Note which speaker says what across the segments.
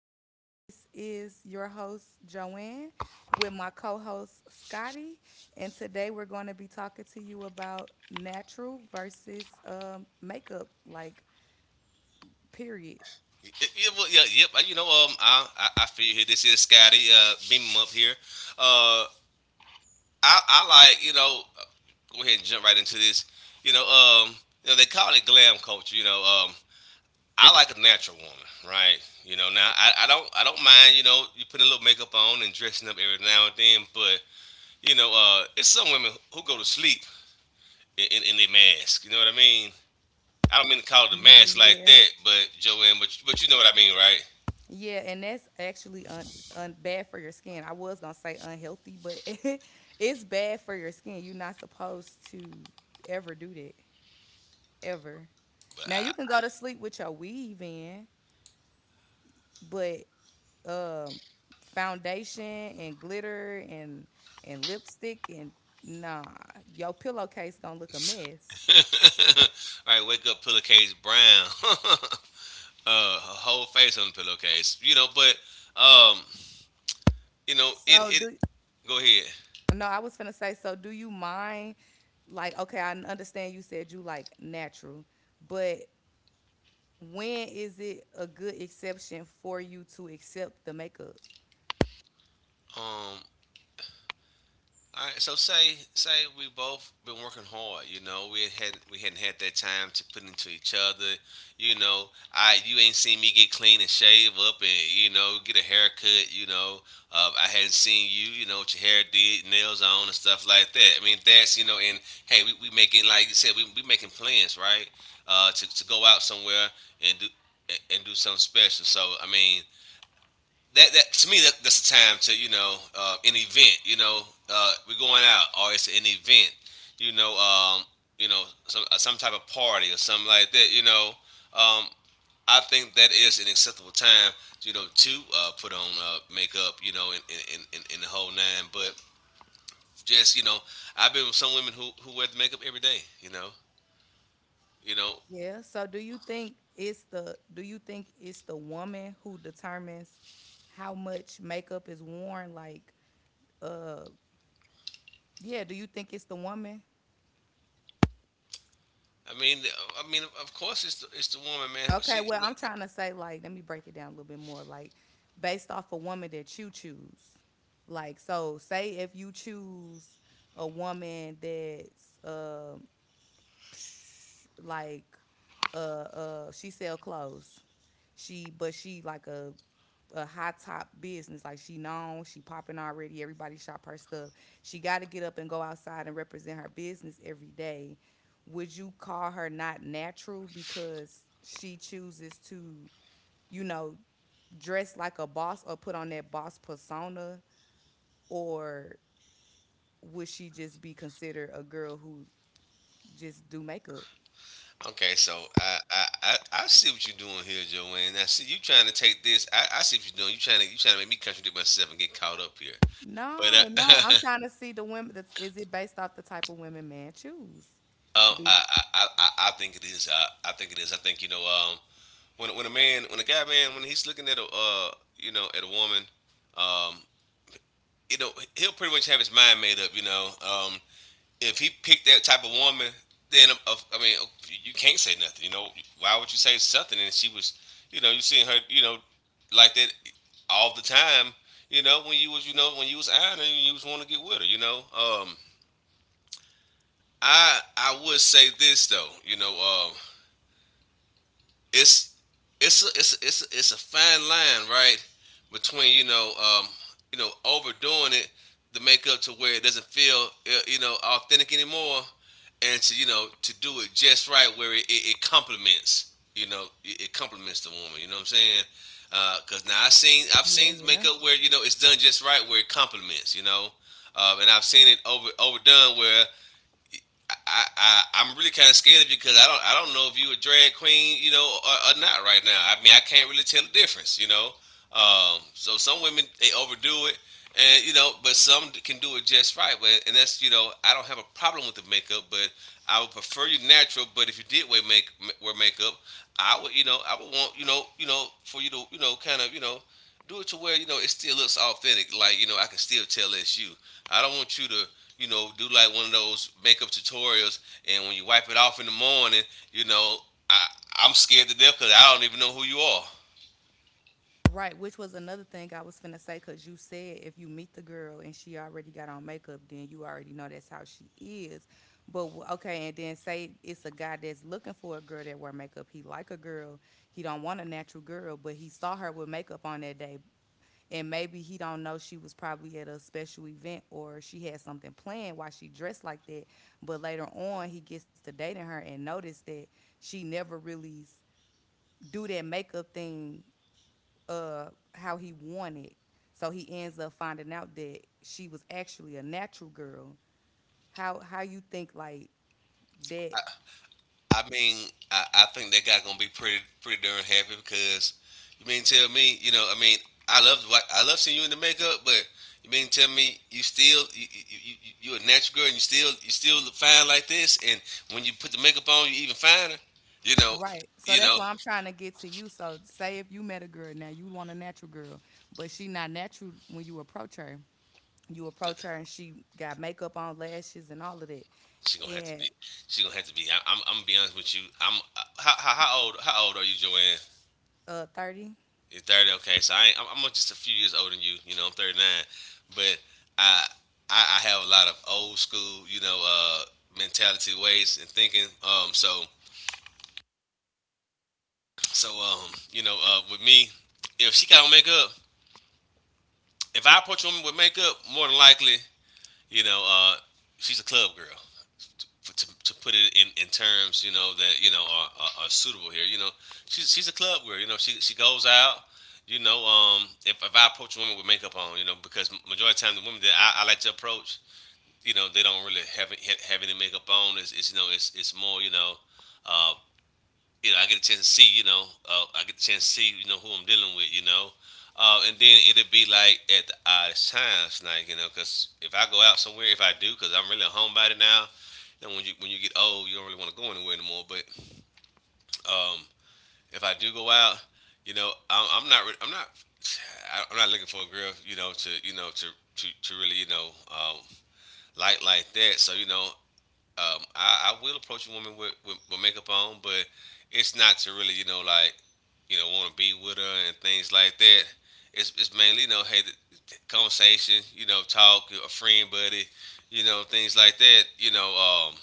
Speaker 1: you doing? This is your host Joanne with my co-host Scotty, and today we're going to be talking to you about natural versus makeup, like period.
Speaker 2: Yeah. You know, I feel you here. This is Scotty. Beam him up here. Uh, I like, go ahead and jump right into this. You know, um, you know, they call it glam culture. Um, I like a natural woman, right? You know, now I don't mind. You know, you putting a little makeup on and dressing up every now and then, but it's some women who go to sleep in their mask. You know what I mean? I don't mean to call it a mask like
Speaker 1: Yeah,
Speaker 2: that, but Joanne, but you know what I mean, right?
Speaker 1: yeah, and that's actually un, un bad for your skin. I was gonna say unhealthy, but it's bad for your skin. You're not supposed to ever do that, ever. Now you can go to sleep with your weave in, but um foundation and glitter and lipstick and nah, your pillowcase gonna look a mess.
Speaker 2: All right, wake up, pillowcase brown. Her whole face on the pillowcase. You know, but um, you know, it
Speaker 1: So
Speaker 2: it.
Speaker 1: do
Speaker 2: Go ahead.
Speaker 1: no, I was finna say, so do you mind like okay, I understand you said you like natural, but when is it a good exception for you to accept the makeup?
Speaker 2: Um, All right, so say we both been working hard, you know. We had we hadn't had that time to put into each other, you know. I you ain't seen me get clean and shave up and you know get a haircut, you know. I hadn't seen you, you know, what your hair did, nails on and stuff like that. I mean that's you know, and hey, we making like you said, we making plans, right? To go out somewhere and do and do something special. So I mean, that to me, that's the time to an event we're going out or it's an event you know um, you know some type of party or something like that you know um, I think that is an acceptable time you know to put on makeup you know in the whole nine but just you know I've been with some women who wear the makeup every day you know you know
Speaker 1: Yeah. So do you think it's the woman who determines how much makeup is worn? Like, uh, yeah, do you think it's the woman?
Speaker 2: I mean of course it's it's the woman man
Speaker 1: Okay,
Speaker 2: she
Speaker 1: well, I'm trying to say, like, let me break it down a little bit more. Like, based off a woman that you choose. Like, so say if you choose a woman that's psh, like she sell clothes. She but she like a high top business. Like she known, she popping already. Everybody shop her stuff. She got to get up and go outside and represent her business every day. Would you call her not natural because she chooses to, you know, dress like a boss or put on that boss persona, or would she just be considered a girl who just do makeup?
Speaker 2: Okay, so I I see what you're doing here, Joanne. Now, see you trying to take this. I see what you're doing. You trying to make me contradict myself and get caught up here. But
Speaker 1: No, no. I'm trying to see the women. That's, is it based off the type of women man choose? Do
Speaker 2: I think it is. I think it is. I think you know when a man when a guy man when he's looking at a you know at a woman um you know he'll pretty much have his mind made up. You know if he picked that type of woman, then I mean, you can't say nothing. You know, why would you say something? And she was, you know, you seen her, you know, like that all the time. You know, when you was, you know, when you was out and you was want to get with her. You know, I would say this though. You know, um, it's it's a, it's a, it's a, it's a fine line, right, between you know overdoing it to make up to where it doesn't feel you know authentic anymore, and to you know to do it just right where it complements you know it complements the woman. You know what I'm saying? Because now I've
Speaker 1: yeah,
Speaker 2: seen
Speaker 1: yeah.
Speaker 2: makeup where you know it's done just right where it complements. You know. And I've seen it overdone where I'm really kind of scared of you because I don't know if you a drag queen, you know, or not right now. I mean, I can't really tell the difference, you know. So some women they overdo it, and you know, but some can do it just right. But and that's you know, I don't have a problem with the makeup, but I would prefer you natural. But if you did wear makeup, I would, you know, I would want, you know, for you to, you know, kind of, you know, do it to where you know it still looks authentic. Like you know, I can still tell it's you. I don't want you to, you know, do like one of those makeup tutorials, and when you wipe it off in the morning, you know, I I'm scared to death because I don't even know who you are.
Speaker 1: Right, which was another thing I was finna say, cause you said if you meet the girl and she already got on makeup, then you already know that's how she is. But okay, and then say it's a guy that's looking for a girl that wear makeup. He like a girl. He don't want a natural girl, but he saw her with makeup on that day, and maybe he don't know she was probably at a special event or she had something planned why she dressed like that, but later on he gets to dating her and notice that she never really do that makeup thing how he wanted, so he ends up finding out that she was actually a natural girl. How you think like that?
Speaker 2: I mean, I think that guy gonna be pretty darn happy because you mean tell me, you know, I mean, I love seeing you in the makeup, but you mean tell me you still you you, you you a natural girl and you still look fine like this, and when you put the makeup on, you even finer. You know,
Speaker 1: Right. So
Speaker 2: you
Speaker 1: that's
Speaker 2: know,
Speaker 1: why I'm trying to get to you. So say if you met a girl now, you want a natural girl, but she not natural when you approach her. You approach her and she got makeup on, lashes, and all of that.
Speaker 2: she gonna have to
Speaker 1: And
Speaker 2: be she gonna have to be. I'm gonna be honest with you. I'm how old are you, Joanne?
Speaker 1: 30.
Speaker 2: You're 30, okay. So I ain't, I'm just a few years older than you. You know, I'm 39, but I I have a lot of old school, you know, mentality ways and thinking. So, you know, with me, if she got on makeup, if I approach a woman with makeup, more than likely, you know, uh, she's a club girl. For, to put it in terms, you know, that, you know, are suitable here. You know, she's a club girl. You know, she goes out. You know, if I approach a woman with makeup on, you know, because majority of the time the women that I like to approach, you know, they don't really have, any makeup on. It's you know, it's more, uh, you know, I get a chance to see, you know, I get the chance to see, you know, who I'm dealing with, you know. And then it will be like at the oddest times, like, you know, because if I go out somewhere, if I do, because I'm really a homebody now, you know, when you get old, you don't really want to go anywhere anymore. But um, if I do go out, you know, I'm not, re- I'm not looking for a girl, you know, to, you know, to really, you know, like that. So, you know, I will approach a woman with, with makeup on, but it's not to really, you know, like, you know, want to be with her and things like that. It's mainly, you know, hey, the conversation, you know, talk, a friend, buddy, you know, things like that, you know,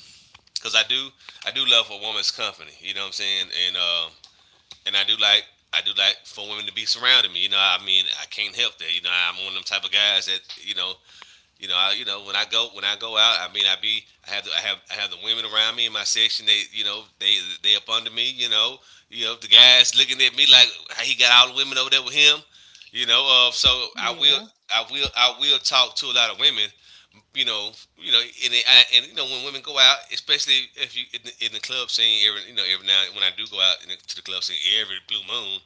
Speaker 2: cause I do love a woman's company, you know what I'm saying? And I do like for women to be surrounding me, you know, I mean, I can't help that, you know, I'm one of them type of guys that, you know, you know, you know, when I go out, I mean, I have the women around me in my section. They you know they up under me. You know the guys looking at me like how he got all the women over there with him. You know, so I will
Speaker 1: Yeah,
Speaker 2: I will talk to a lot of women. You know, you know, and and you know when women go out, especially if you in the club scene, every you know every now and when I do go out in the, to the club scene every blue moon,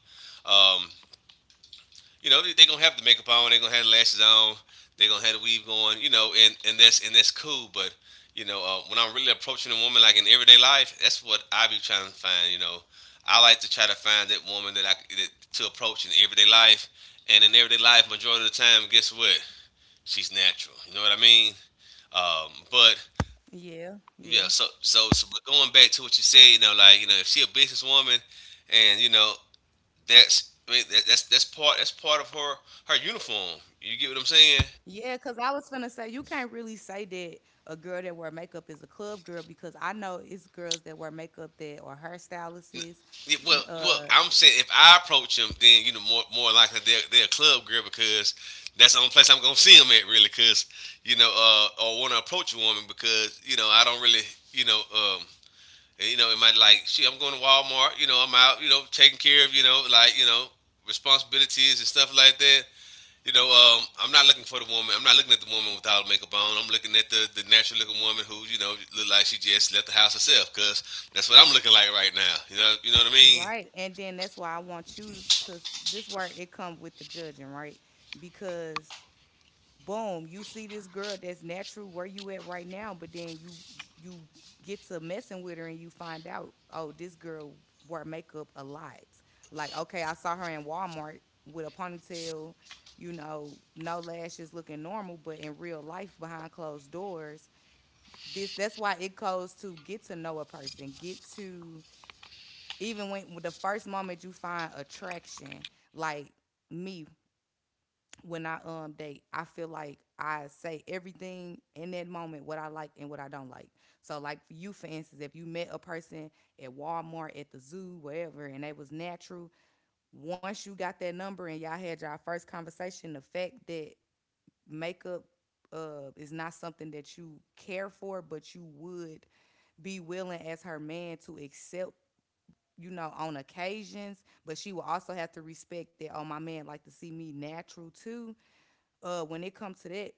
Speaker 2: um, you know, they are going to have the makeup on, they're gonna have the lashes on, they're gonna have the weave going, you know, and that's cool. But, you know, when I'm really approaching a woman like in everyday life, that's what I be trying to find, you know. I like to try to find that woman to approach in everyday life. And in everyday life, majority of the time, guess what? She's natural. You know what I mean? But
Speaker 1: yeah.
Speaker 2: yeah, but going back to what you said, you know, like you know, if she a businesswoman, and you know, that's I mean, that's that's part of her her uniform. You get what I'm saying?
Speaker 1: Yeah, because I was gonna say you can't really say that a girl that wear makeup is a club girl because I know it's girls that wear makeup that are hairstylists.
Speaker 2: Yeah, well,
Speaker 1: Uh
Speaker 2: I'm saying if I approach him, then more likely they're a club girl, because that's the only place I'm gonna see him at, really. Cause or want to approach a woman, because I don't really you know um it might, like, shit, I'm going to Walmart, I'm out, taking care of, like, responsibilities and stuff like that. I'm not looking for the woman. I'm not looking at the woman without makeup on. I'm looking at the natural looking woman who, look like she just left the house herself. Cause that's what I'm looking like right now. You know what I mean?
Speaker 1: right. And then that's why I want you to this where it come with the judging, right? Because boom, you see this girl that's natural where you at right now, but then you get to messing with her and you find out, oh, this girl wore makeup a lot. Like, okay, I saw her in Walmart with a ponytail, you know, no lashes, looking normal, but in real life behind closed doors, this that's why it goes to get to know a person, get to even when the first moment you find attraction, like me, when I date, I feel like I say everything in that moment what I like and what I don't like. So like for you, for instance, if you met a person at Walmart, at the zoo, wherever, and they was natural, once you got that number and y'all had your first conversation, the fact that makeup is not something that you care for, but you would be willing as her man to accept, you know, on occasions. But she will also have to respect that, oh, my man like to see me natural too when it comes to that.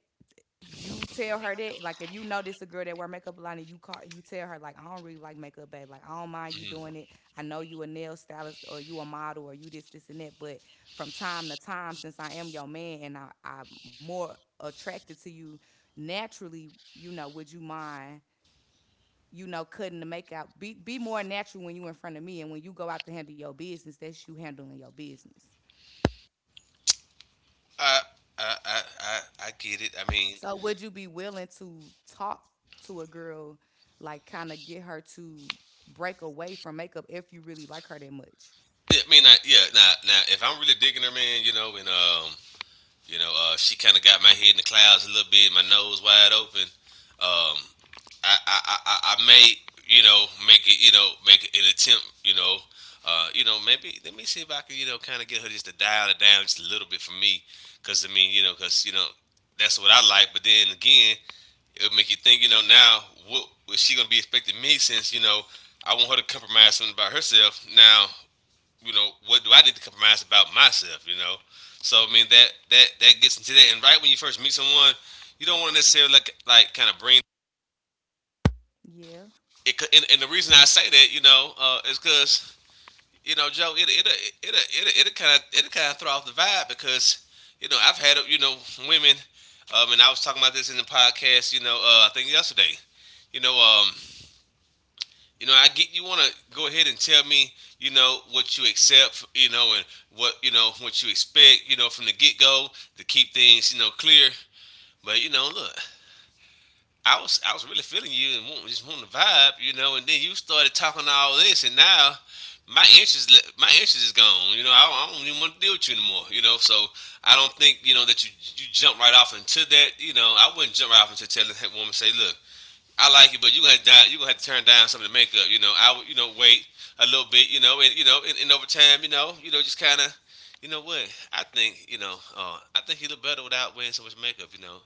Speaker 1: You tell her that, like, if you notice a girl that wear makeup a lot and you call you tell her like, I don't really like makeup, babe. Like, I don't mind you
Speaker 2: Hmm.
Speaker 1: doing it. I know you a nail stylist or you a model or you this, this, and that, but from time to time, since I am your man, and I'm more attracted to you naturally, you know, would you mind, you know, cutting the makeup, be more natural when you in front of me, and when you go out to handle your business, that's you handling your business.
Speaker 2: I, I, I, I, I get it. I mean,
Speaker 1: So would you be willing to talk to a girl, like kind of get her to break away from makeup if you really like her that much?
Speaker 2: yeah, I mean, yeah. Now, if I'm really digging her, man, you know, and you know, she kind of got my head in the clouds a little bit, my nose wide open. Um, may, you know, make it, you know, make an attempt, you know, maybe let me see if I can, you know, kind of get her just to dial it down just a little bit for me, because I mean, you know, because you know, that's what I like. But then again, it would make you think, you know, now what was she gonna be expecting me, since you know I want her to compromise something about herself. Now, you know, what do I need to compromise about myself, you know? So I mean that gets into that. And right when you first meet someone, you don't want to necessarily, like, kind of bring
Speaker 1: Yeah.
Speaker 2: it. And the reason I say that, you know, is because you know, Joe, it it kind of throw off the vibe, because you know I've had, you know, women, and I was talking about this in the podcast, you know, I think yesterday, you know, um, you know, I get you want to go ahead and tell me, you know, what you accept, you know, and what you know what you expect, you know, from the get go, to keep things, you know, clear. But you know, look, I was really feeling you and want, just wanting to vibe, you know, and then you started talking all this, and now my interest my interest is gone. You know, I don't even want to deal with you anymore. You know, so I don't think you know that you jump right off into that. You know, I wouldn't jump right off into telling that woman, say, look, I like it, but you gonna have to you gonna have to turn down some of the makeup. You know, I would, you know, wait a little bit. You know, and over time, you know, just kind of, you know what? I think you know, I think he looked better without wearing so much makeup. You know,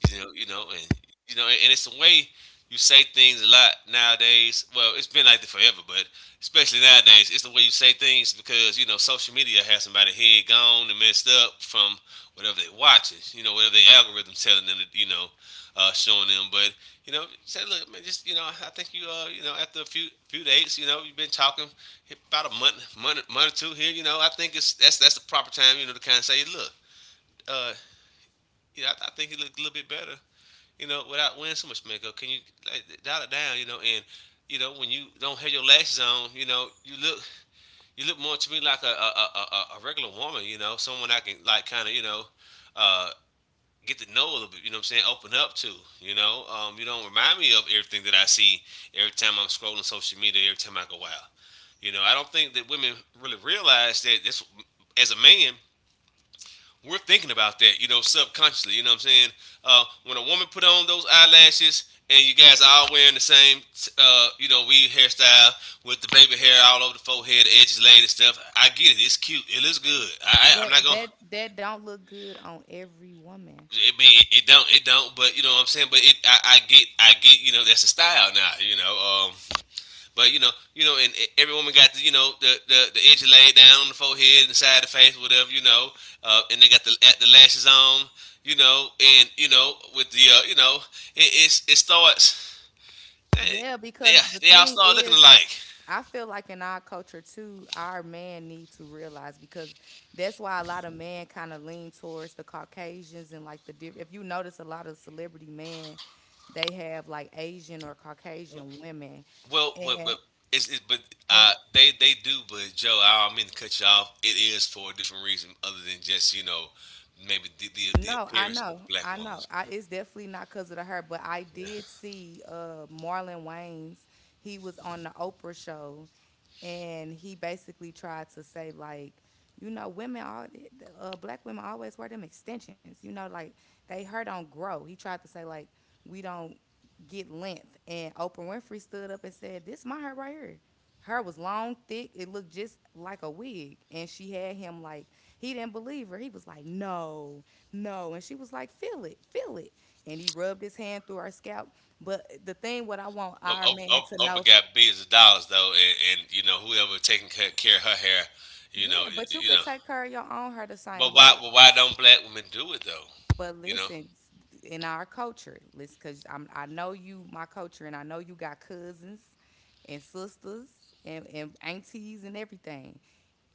Speaker 2: you know, you know, and it's the way you say things a lot nowadays. Well, it's been like that forever, but especially nowadays, it's the way you say things, because you know social media has somebody head gone and messed up from whatever they're watching. You know, whatever the algorithm's telling them to, you know, showing them. But you know, say, look, man, just you know, I think you, you know, after a few dates, you know, you've been talking about a month or two here. You know, I think it's that's the proper time, you know, to kind of say, look, uh, you know, I think you look a little bit better, you know, without wearing so much makeup. Can you, like, dial it down, you know? And you know, when you don't have your lashes on, you know, you look more to me like a regular woman, you know, someone I can, like, kind of, you know, uh, get to know a little bit. You know what I'm saying? Open up to, you know. You don't remind me of everything that I see every time I'm scrolling social media. Every time I go out, you know, I don't think that women really realize that this, as a man, we're thinking about that, you know, subconsciously. You know what I'm saying? When a woman put on those eyelashes and you guys are all wearing the same, you know, weave hairstyle with the baby hair all over the forehead, the edges laid and stuff, I get it. It's cute. It looks good. I I'm
Speaker 1: But
Speaker 2: not gonna.
Speaker 1: that that don't look good on every woman.
Speaker 2: It mean it don't but you know what I'm saying. But it I get you know, that's a style now. You know. um But you know, and every woman got the, you know, the edge laid down on the forehead, inside the face, whatever, you know, and they got the lashes on, you know, and you know, with the you know, it starts they
Speaker 1: Yeah,
Speaker 2: they,
Speaker 1: because the
Speaker 2: they all
Speaker 1: thing
Speaker 2: start looking
Speaker 1: is,
Speaker 2: alike.
Speaker 1: I feel like in our culture too, our man need to realize, because that's why a lot of men kind of lean towards the Caucasians, and like the if you notice a lot of celebrity men, they have like Asian or Caucasian women,
Speaker 2: Well, but
Speaker 1: and
Speaker 2: it's but
Speaker 1: and
Speaker 2: they do, but Joe, I don't mean to cut you off. It is for a different reason other than just you know maybe the
Speaker 1: no, I
Speaker 2: appearance of the
Speaker 1: know,
Speaker 2: black
Speaker 1: I
Speaker 2: woman.
Speaker 1: know. It's definitely not because of the her, but I did see Marlon Wayans. He was on the Oprah show, and he basically tried to say like, you know, women all black women always wear them extensions. You know, like they her don't grow. He tried to say like we don't get length, and Oprah Winfrey stood up and said, "This my hair right here." Her was long, thick. It looked just like a wig, and she had him like he didn't believe her. He was like, "No." No. And she was like, feel it, feel it. And he rubbed his hand through her scalp. But the thing, what I want our man to
Speaker 2: Oprah
Speaker 1: know,
Speaker 2: got billions of dollars though, and you know whoever taking care of her hair, you know,
Speaker 1: yeah, but you
Speaker 2: you
Speaker 1: could
Speaker 2: know.
Speaker 1: take care of your own her the same
Speaker 2: But why?
Speaker 1: way.
Speaker 2: But why don't black women do it though?
Speaker 1: But
Speaker 2: You know.
Speaker 1: listen, in our culture, listen, cause I'm, I know you, my culture, and I know you got cousins and sisters and aunties and everything.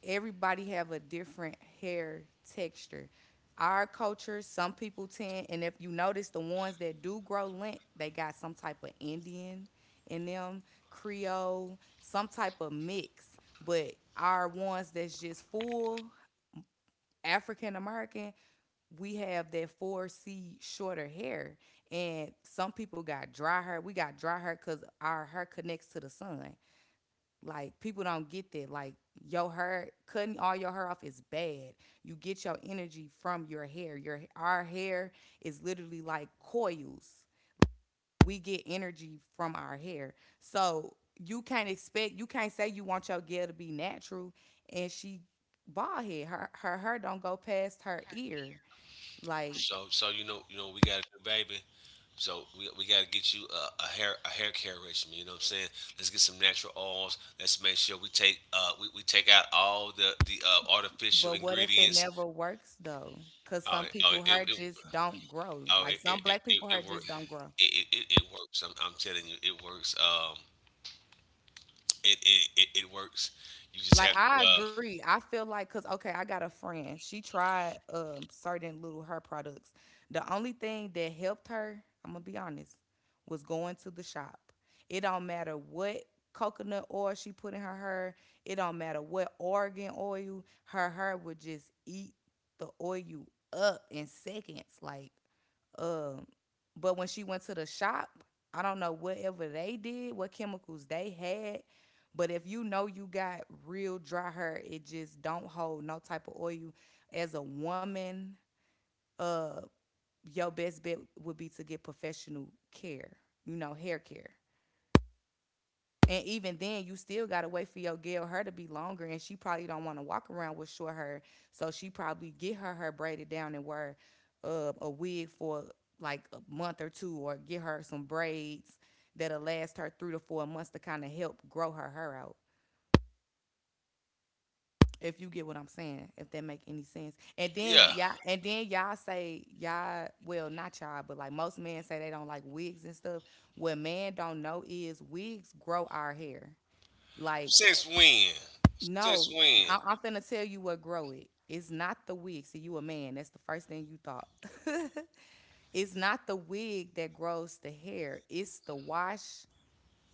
Speaker 1: Everybody have a different hair texture. Our culture, some people tend, and if you notice, the ones that do grow lint, they got some type of Indian in them, Creole, some type of mix. But our ones that's just full African American, we have that 4C shorter hair. And some people got dry hair. We got dry hair because our hair connects to the sun. Like people don't get that. Like your hair, cutting all your hair off is bad. You get your energy from your hair. Your Our hair is literally like coils. We get energy from our hair. So you can't expect, you can't say you want your girl to be natural and she bald head. Her hair don't go past her ear. Like,
Speaker 2: So so you know, you know, we got a good baby. So we got to get you a, a hair care regimen. You know what I'm saying? Let's get some natural oils. Let's make sure we take we take out all the artificial
Speaker 1: but what if it
Speaker 2: ingredients.
Speaker 1: never works though? Cause
Speaker 2: Oh
Speaker 1: some
Speaker 2: it- oh
Speaker 1: people
Speaker 2: it
Speaker 1: hair
Speaker 2: it
Speaker 1: just don't grow. Like some black people hair
Speaker 2: works.
Speaker 1: just don't grow.
Speaker 2: It works. I'm telling you, it works. It works. You just have
Speaker 1: Like,
Speaker 2: to,
Speaker 1: I agree. I feel like, cuz okay, I got a friend. She tried certain little her products. The only thing that helped her, I'm going to be honest, was going to the shop. It don't matter what coconut oil she put in her hair, it don't matter what organ oil, her hair would just eat the oil up in seconds, like uh, but when she went to the shop, I don't know whatever they did, what chemicals they had. But if you know you got real dry hair, it just don't hold no type of oil. As a woman, uh, your best bet would be to get professional care. You know, hair care. And even then, you still gotta wait for your girl hair to be longer, and she probably don't want to walk around with short hair, so she probably get her hair braided down and wear a wig for like a month or two, or get her some braids that'll last her 3 to 4 months to kind of help grow her hair out. If you get what I'm saying, if that make any sense. And then
Speaker 2: yeah.
Speaker 1: y'all, and then y'all say y'all, well, not y'all, but like most men say they don't like wigs and stuff. What men don't know is wigs grow our hair. Like,
Speaker 2: Since when? Since
Speaker 1: no,
Speaker 2: when?
Speaker 1: I'm finna tell you what grow it. It's not the wig. See, you a man. That's the first thing you thought. It's not the wig that grows the hair. It's the wash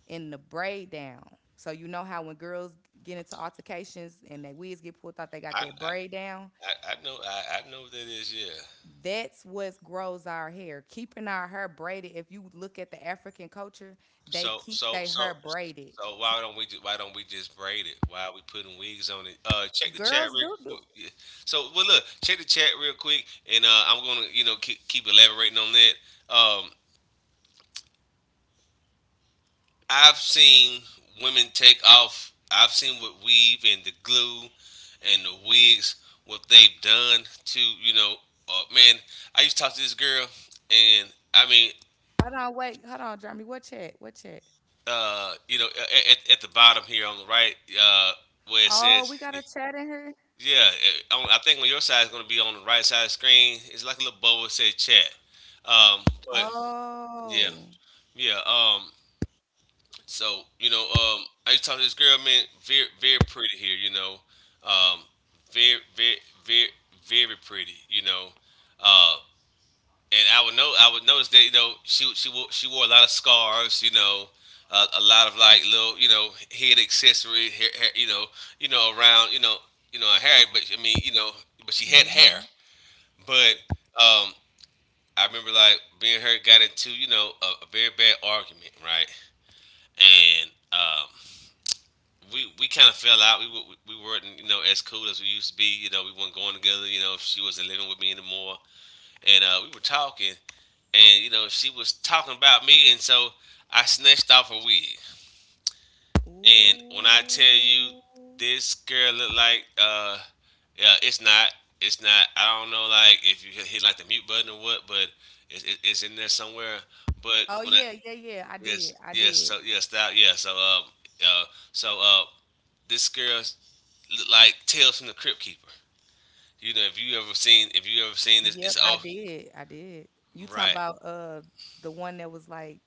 Speaker 1: and the braid down. So you know how when girls get into altercations and their wigs get pulled out, they got
Speaker 2: I
Speaker 1: that
Speaker 2: I,
Speaker 1: braid down.
Speaker 2: I know I know what that is. Yeah.
Speaker 1: That's what grows our hair. Keeping our hair braided. If you look at the African culture, they
Speaker 2: So
Speaker 1: keep
Speaker 2: so
Speaker 1: their
Speaker 2: so
Speaker 1: hair braided.
Speaker 2: so
Speaker 1: So
Speaker 2: why don't we why don't we just braid it? Why are we putting wigs on it? Check the chat
Speaker 1: girls
Speaker 2: real.
Speaker 1: do do.
Speaker 2: Yeah. So well, look, check the chat real quick, and I'm gonna, you know, keep, keep elaborating on that. Um, I've seen women take off. I've seen what weave and the glue and the wigs, what they've done to. Man, I used to talk to this girl, and I mean,
Speaker 1: Hold on, wait. Hold on, Jeremy. What chat? What chat?
Speaker 2: you know, at the bottom here on the right, uh, where it
Speaker 1: Oh, we got
Speaker 2: says,
Speaker 1: a chat in here.
Speaker 2: yeah, on, I think on your side is going to be on the right side of the screen. It's like a little bubble that says chat. Um, but yeah,
Speaker 1: Oh.
Speaker 2: yeah. So you know, I used to talk to this girl, man, very, very pretty here, you know, um, very, very, very, very pretty, you know, uh, and I would notice that you know she wore a lot of scarves, you know, a lot of like little, you know, head accessory, you know, you know, around, you know, you know her hair, but I mean, you know, but she had hair,
Speaker 1: Hmm.
Speaker 2: but um, I remember like being her got into you know a very bad argument, right, and we kind of fell out. We, wa- we weren't, you know, as cool as we used to be. You know, we weren't going together. You know, she wasn't living with me anymore, and we were talking, and you know, she was talking about me, and so I snatched off her wig. And when I tell you,
Speaker 1: Ooh.
Speaker 2: this girl looked like yeah, it's not. I don't know, like if you hit, like the mute button or what, but it's in there somewhere. But
Speaker 1: Oh
Speaker 2: when I
Speaker 1: yeah, yeah, yeah. I did.
Speaker 2: yes
Speaker 1: I
Speaker 2: yes
Speaker 1: did.
Speaker 2: so yes that yeah so uh so this girl, like Tales from the Crypt Keeper. You know, if you ever seen, if you ever seen this,
Speaker 1: Yep,
Speaker 2: it's
Speaker 1: I
Speaker 2: oh
Speaker 1: did. I did. You talking
Speaker 2: right.
Speaker 1: about the one that was like,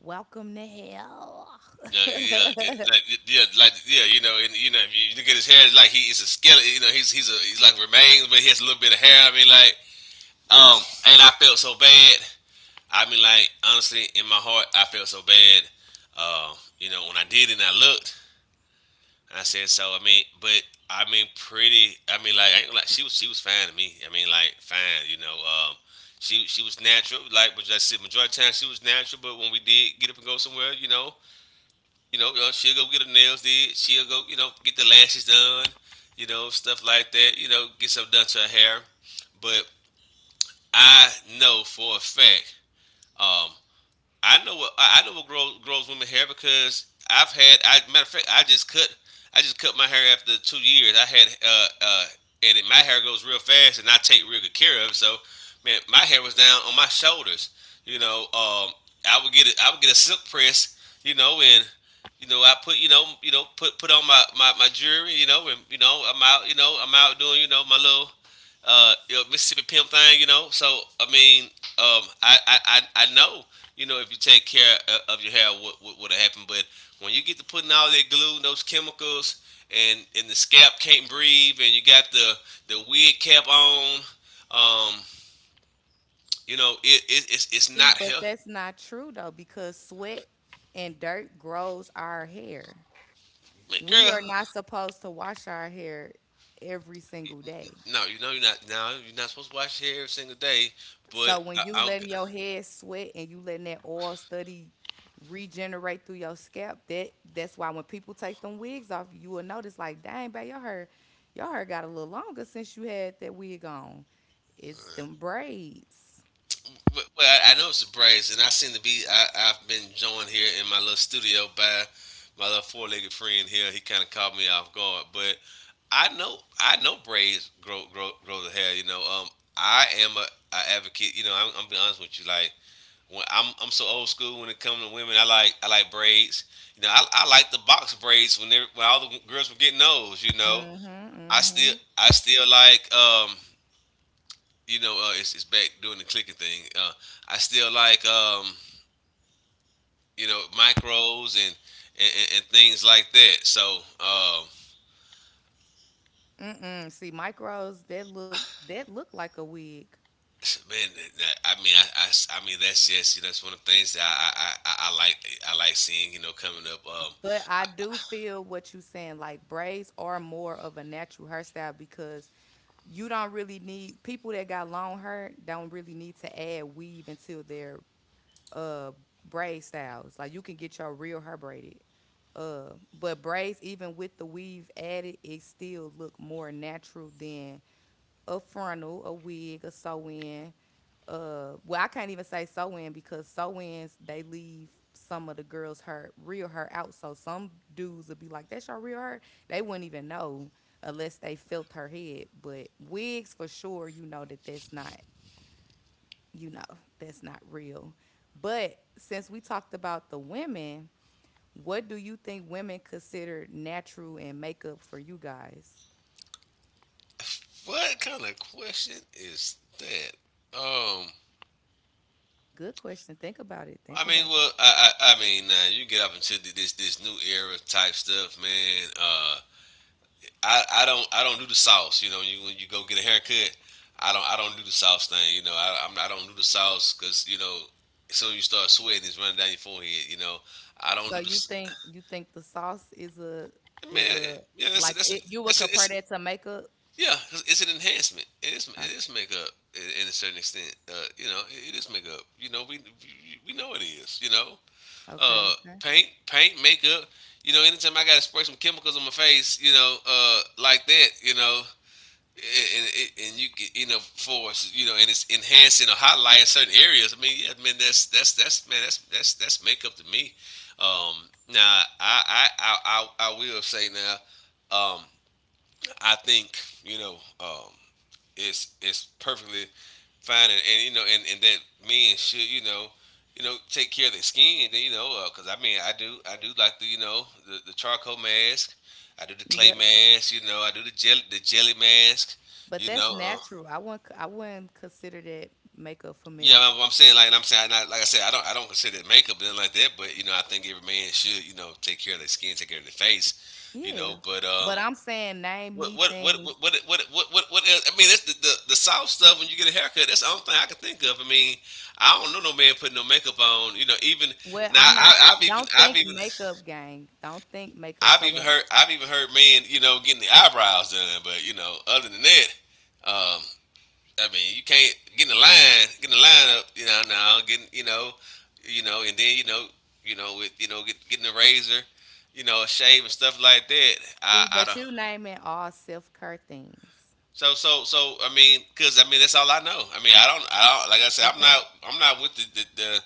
Speaker 1: "Welcome to hell."
Speaker 2: Yeah, yeah, yeah, like, yeah, you know, and you know, if you look at his hair, it's like he is a skeleton. You know, he's like remains, but he has a little bit of hair. I mean, like, um, and I felt so bad. I mean, like, honestly, in my heart, I felt so bad. Uh, you know, when I did it and I looked, and I said, so I mean, but I mean, pretty. I mean, like, I ain't, gonna lie, she was fine to me. I mean, like, fine. You know, she was natural. Like, but like I said, majority of the time she was natural. But when we did get up and go somewhere, she'll go get her nails did. She'll go, get the lashes done. Stuff like that. Get something done to her hair. But I know for a fact, um, I know what grows women hair because I've had. I matter of fact, I just cut my hair after 2 years. I had and it, my hair grows real fast, and I take real good care of it. So, man, my hair was down on my shoulders. You know, um, I would get it. I would get a silk press. And I put, put on my jewelry. I'm out. I'm out doing my little Mississippi pimp thing, So I mean, I know, if you take care of your hair, what would have happened? But when you get to putting all that glue and those chemicals, and the scalp can't breathe, and you got the wig cap on, um, it's it's
Speaker 1: See,
Speaker 2: not
Speaker 1: but
Speaker 2: healthy,
Speaker 1: that's not true though, because sweat and dirt grows our hair. We are
Speaker 2: girl.
Speaker 1: not supposed to wash our hair every single day.
Speaker 2: No, you know you're not. No, you're not supposed to wash your hair every single day.
Speaker 1: So
Speaker 2: But
Speaker 1: when
Speaker 2: I,
Speaker 1: you
Speaker 2: I,
Speaker 1: letting your head sweat and you letting that oil study regenerate through your scalp, that that's why when people take them wigs off, you will notice like, dang, babe, your hair got a little longer since you had that wig on. It's them braids.
Speaker 2: Well, well, I know it's the Braves, and I seem to be. I've been joined here in my little studio by my little four-legged friend here. He kind of caught me off guard, but I know Braves grow the hair. I am a advocate. I'm be honest with you. Like, when I'm so old school when it comes to women. I like braids. I like the box braids when they when all the girls were getting those.
Speaker 1: Mm-hmm.
Speaker 2: I still
Speaker 1: Mm-hmm.
Speaker 2: I still like it's back doing the clicking thing. I still like, micros and, and things like that. So, um,
Speaker 1: Mm-mm. See, micros that look like a wig.
Speaker 2: man, that- I mean, I mean, that's just, it's one of the things that I like seeing, coming up.
Speaker 1: But
Speaker 2: I,
Speaker 1: I do feel what you're saying. Like braids are more of a natural hairstyle because you don't really need, people that got long hair don't really need to add weave until their uh braid styles. Like you can get your real hair braided. But braids, even with the weave added, it still look more natural than a frontal, a wig, a sew-in. Well, I can't even say sew-in because sew-ins, they leave some of the girls' hair, real hair out. So some dudes would be like, "That's your real hair." They wouldn't even know unless they felt her head. But wigs, for sure, you know that that's not, you know, that's not real. But since we talked about the women, what do you think women consider natural and makeup for you guys?
Speaker 2: what kind of question is that? Um,
Speaker 1: Good question. Think about it.
Speaker 2: I
Speaker 1: Think
Speaker 2: mean,
Speaker 1: about it.
Speaker 2: well, I mean, you get up into th- this new era type stuff, man. I don't do the sauce. You know, you when you go get a haircut, I don't do the sauce thing. I don't do the sauce because you know, as soon as you start sweating, it's running down your forehead. You know, I don't
Speaker 1: So
Speaker 2: do the
Speaker 1: you
Speaker 2: s-
Speaker 1: think, you think the sauce is a, is
Speaker 2: man.
Speaker 1: a,
Speaker 2: Yeah, that's a,
Speaker 1: like
Speaker 2: that's a,
Speaker 1: it, you would
Speaker 2: that's a,
Speaker 1: compare
Speaker 2: it's
Speaker 1: that to makeup?
Speaker 2: yeah, it's an enhancement.
Speaker 1: O-
Speaker 2: It is makeup in a certain extent. It is makeup. You know, we know it is.
Speaker 1: Okay.
Speaker 2: Uh, paint makeup. You know, anytime I gotta spray some chemicals on my face, like that, and, and, and you you know and it's enhancing or highlighting certain areas. I mean, yeah, man, that's makeup to me. Now I will say now, um, I think you know um, is perfectly fine, and, and that men should, take care of their skin. You know, because I mean, I do like the the charcoal mask, I do the clay
Speaker 1: Yep.
Speaker 2: mask, you know, I do the jelly mask,
Speaker 1: But
Speaker 2: you
Speaker 1: that's
Speaker 2: know.
Speaker 1: natural. I wouldn't, I wouldn't consider that makeup for
Speaker 2: Yeah,
Speaker 1: males.
Speaker 2: I'm saying like I'm saying like I said I don't consider it makeup nothing like that, but you know I think every man should, you know, take care of their skin, take care of their face, you know.
Speaker 1: Yeah.
Speaker 2: But
Speaker 1: But I'm saying, name me things.
Speaker 2: What else? I mean, that's the, the soft stuff when you get a haircut. That's the only thing I can think of. I mean, I don't know no man putting no makeup on. You know, even
Speaker 1: Well,
Speaker 2: now,
Speaker 1: I'm not. Don't
Speaker 2: I've
Speaker 1: think
Speaker 2: even
Speaker 1: makeup, gang. Don't think makeup. So what?
Speaker 2: I've even heard men, you know, getting the eyebrows done. But you know, other than that, um, I mean, you can't get in the line, get in the line up. You know, now getting, you know, and then, you know, with you know, get, getting a razor, you know, a shave and stuff like that.
Speaker 1: See,
Speaker 2: I
Speaker 1: but
Speaker 2: don't.
Speaker 1: you naming all self care things.
Speaker 2: I mean, cause I mean that's all I know. I mean I don't, like I said,
Speaker 1: Okay.
Speaker 2: I'm not with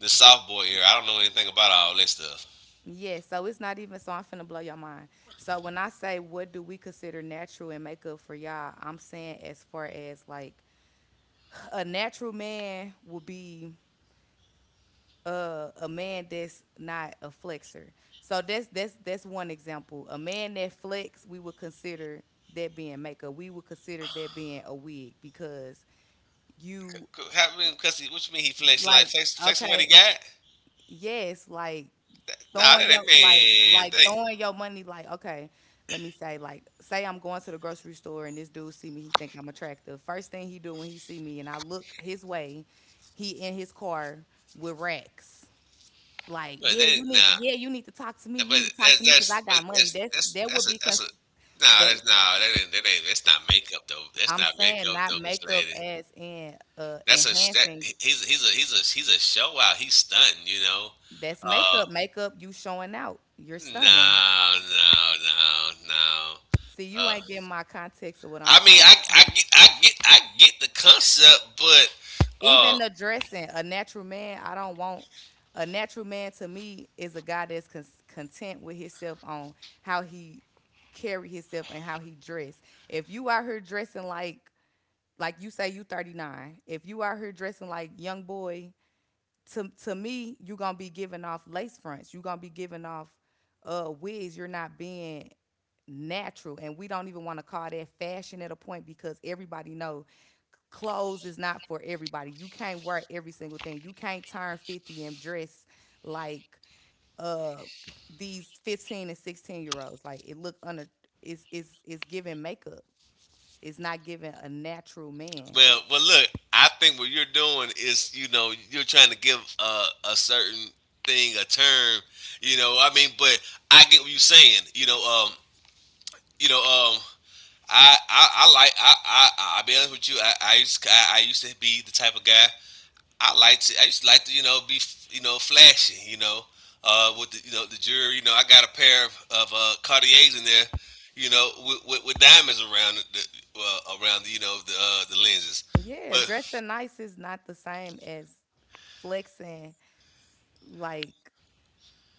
Speaker 2: the soft boy era. I don't know anything about all that stuff.
Speaker 1: Yeah, so it's not even. So I'm finna blow your mind. So when I say what do we consider natural and makeup for y'all, I'm saying as far as like a natural man would be a man that's not a flexor. So that's, that's one example. A man that flex, we would consider that being makeup. We would consider that being a wig because you,
Speaker 2: Co- How, I mean, cause he, what you mean he flexing like
Speaker 1: like,
Speaker 2: flex, flexing what he
Speaker 1: okay,
Speaker 2: got?
Speaker 1: yes, like
Speaker 2: Nah,
Speaker 1: throwing
Speaker 2: that
Speaker 1: your,
Speaker 2: ain't
Speaker 1: like
Speaker 2: man.
Speaker 1: like
Speaker 2: That ain't,
Speaker 1: throwing your money, like, okay, let me say, like, say I'm going to the grocery store and this dude see me, he think I'm attractive. First thing he do when he see me and I look his way, he in his car with racks, like,
Speaker 2: but that
Speaker 1: yeah, you
Speaker 2: ain't,
Speaker 1: need to,
Speaker 2: nah.
Speaker 1: yeah, you need to talk to me,
Speaker 2: But
Speaker 1: you need to talk to me because I got money. That's, that
Speaker 2: that's
Speaker 1: would
Speaker 2: a,
Speaker 1: be
Speaker 2: that's a,
Speaker 1: cons-
Speaker 2: nah
Speaker 1: that
Speaker 2: that's nah that ain't that's not makeup though. That's
Speaker 1: I'm
Speaker 2: not
Speaker 1: saying
Speaker 2: makeup
Speaker 1: not
Speaker 2: though, Miss
Speaker 1: makeup
Speaker 2: Lady.
Speaker 1: as in
Speaker 2: That's a sh- that
Speaker 1: enhancing.
Speaker 2: he's a show out. He's stunting, you know.
Speaker 1: That's
Speaker 2: Uh,
Speaker 1: makeup, makeup, you showing out, you're stunning.
Speaker 2: No, no, no.
Speaker 1: See, you
Speaker 2: Uh,
Speaker 1: ain't getting my context of what I'm
Speaker 2: I mean,
Speaker 1: trying to say.
Speaker 2: I get the concept, but uh,
Speaker 1: Even the dressing, a natural man, I don't want, a natural man to me is a guy that's con- content with himself on how he carry himself and how he dress. If you out here dressing like you say you 39, if you out here dressing like young boy, to me, you're gonna be giving off lace fronts. You're gonna be giving off wigs. You're not being natural, and we don't even want to call that fashion at a point because everybody know clothes is not for everybody. You can't wear every single thing. You can't turn 50 and dress like uh these 15 and 16 year olds. Like it look under, it's giving makeup. It's not giving a natural man.
Speaker 2: well, well, look, I think what you're doing is, you know, you're trying to give a certain thing a term, you know. I mean, but I get what you're saying, you know. Um, you know, um, I like, I'll be honest with you, I used to be the type of guy I used to like to, you know, be, you know, flashy, you know, with the, you know, the jewelry. You know, I got a pair of, Cartiers in there, you know, with, with diamonds around around the, you know, the lenses.
Speaker 1: Yeah,
Speaker 2: But
Speaker 1: dressing nice is not the same as flexing, like,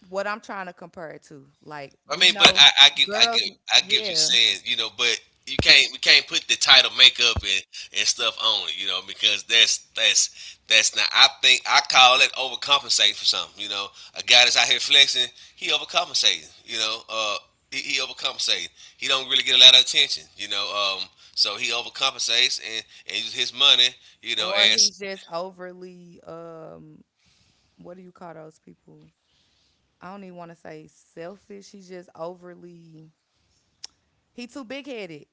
Speaker 1: what I'm trying to compare it to. Like
Speaker 2: I
Speaker 1: we
Speaker 2: mean, but
Speaker 1: know girls,
Speaker 2: I get what you're
Speaker 1: yeah,
Speaker 2: saying, you know. But you can't, we can't put the title makeup and stuff on it, you know, because that's not. I think I call it overcompensate for something, you know. A guy that's out here flexing, he overcompensating, you know. He overcompensating. He don't really get a lot of attention, you know. So he overcompensates and uses his money, you know,
Speaker 1: or
Speaker 2: as
Speaker 1: he's just overly what do you call those people? I don't even want to say selfish. He's just overly, he too big-headed.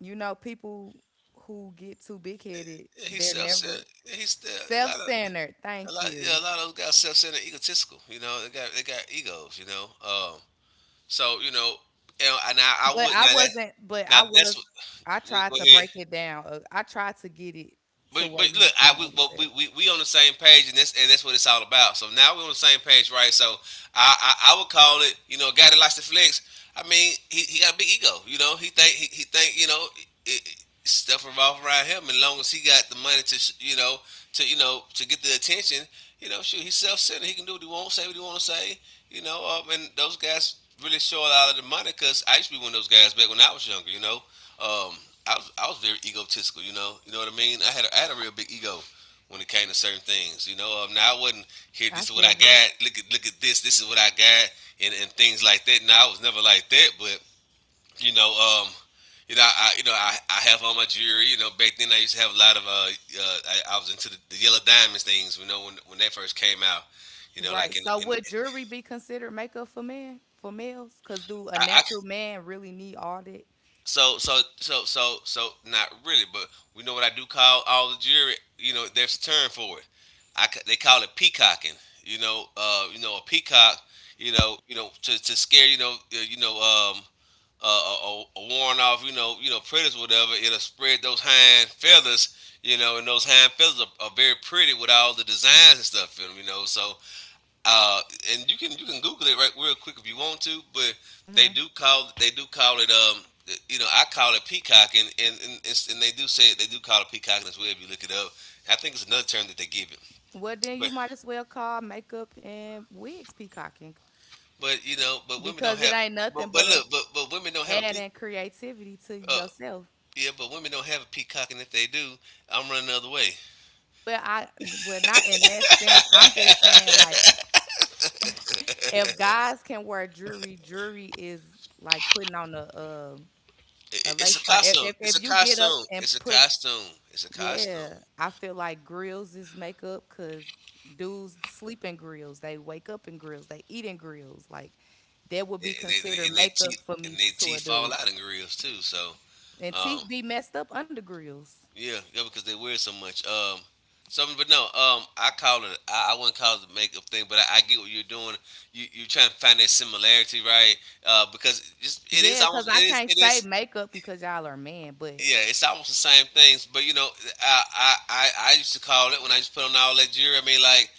Speaker 1: You know people who get too big-headed,
Speaker 2: yeah, he
Speaker 1: they're
Speaker 2: sells,
Speaker 1: never
Speaker 2: he still a lot.
Speaker 1: self-centered.
Speaker 2: A
Speaker 1: Thank
Speaker 2: lot, yeah,
Speaker 1: you.
Speaker 2: a lot of those guys self-centered, egotistical. You know, they got egos. So you know, and, I
Speaker 1: But
Speaker 2: would
Speaker 1: I
Speaker 2: now that
Speaker 1: wasn't but
Speaker 2: now
Speaker 1: I
Speaker 2: that's
Speaker 1: was
Speaker 2: what.
Speaker 1: I
Speaker 2: Go go
Speaker 1: tried to
Speaker 2: ahead.
Speaker 1: break it down. I tried to get it to where
Speaker 2: But
Speaker 1: you
Speaker 2: look, I
Speaker 1: kind of
Speaker 2: we, well,
Speaker 1: understood.
Speaker 2: we on the same page, and that's what it's all about. So now we're on the same page, right? So I would call it, you know, a guy that likes to flex. I mean, he got a big ego, you know. He think, you know, it, stuff revolves around him, and long as he got the money to sh-, you know, to, you know, to get the attention, you know, shoot, he's self centered. He can do what he wants, say what he want to say, you know. And those guys really show a lot of the money because I used to be one of those guys back when I was younger, you know. Um, I was very egotistical. You know what I mean. I had a real big ego when it came to certain things. You know, now I wasn't here.
Speaker 1: I
Speaker 2: This is what I
Speaker 1: feel that.
Speaker 2: got. Look at this. This is what I got, and things like that. Now I was never like that, but you know, I, you know, I have on my jewelry. You know, back then I used to have a lot of I was into the yellow diamonds things. You know, when that first came out. You know, like
Speaker 1: Right. So
Speaker 2: in
Speaker 1: would jewelry be considered makeup for men, for males? Because do a
Speaker 2: I
Speaker 1: natural man really need all that?
Speaker 2: so not really, but we know what I do call all the jury. You know, there's a term for it. I ca- they call it peacocking. You know a peacock. You know to scare, you know, a warn off, you know, you know predators whatever. It'll spread those hind feathers. And those hind feathers are very pretty with all the designs and stuff in them. You know, so uh, and you can Google it right real quick if you want to, but
Speaker 1: Hmm.
Speaker 2: they do call it I call it peacocking and they do say they do call it peacocking as well if you look it up. I think it's another term that they give it,
Speaker 1: Well, then you
Speaker 2: but
Speaker 1: might as well call makeup and wigs peacocking
Speaker 2: women don't
Speaker 1: because it
Speaker 2: have
Speaker 1: ain't nothing
Speaker 2: but
Speaker 1: but a
Speaker 2: look but women don't have a
Speaker 1: adding
Speaker 2: peacock.
Speaker 1: creativity to
Speaker 2: Uh,
Speaker 1: yourself.
Speaker 2: yeah, but women don't have a peacock, and if they do, I'm running the other way.
Speaker 1: Well, I, well not in that sense. I'm just saying like if guys can wear jewelry, jewelry is like putting on a,
Speaker 2: I- i-
Speaker 1: a
Speaker 2: It's a
Speaker 1: lace front.
Speaker 2: costume. It's
Speaker 1: If
Speaker 2: a
Speaker 1: you get up
Speaker 2: costume.
Speaker 1: and
Speaker 2: It's a
Speaker 1: put,
Speaker 2: costume. It's a costume.
Speaker 1: yeah, I feel like grills is makeup because dudes sleep in grills, they wake up in grills, they eat in grills. Like that would
Speaker 2: They,
Speaker 1: be
Speaker 2: they, they-
Speaker 1: considered
Speaker 2: and
Speaker 1: makeup for me
Speaker 2: they
Speaker 1: f- to a
Speaker 2: teeth fall
Speaker 1: dude.
Speaker 2: out in grills too. So
Speaker 1: And
Speaker 2: um,
Speaker 1: teeth be messed up under grills.
Speaker 2: yeah, yeah, because they wear it so much. Something, but no. I call it. I wouldn't call it the makeup thing, but I get what you're doing. You're trying to find that similarity, right? Because just it is
Speaker 1: Yeah, because
Speaker 2: almost
Speaker 1: I
Speaker 2: it is
Speaker 1: can't
Speaker 2: it
Speaker 1: say
Speaker 2: is
Speaker 1: makeup because y'all are men, but
Speaker 2: yeah, it's almost the same things, but you know, I used to call it when I used to put on all that jewelry. I mean, like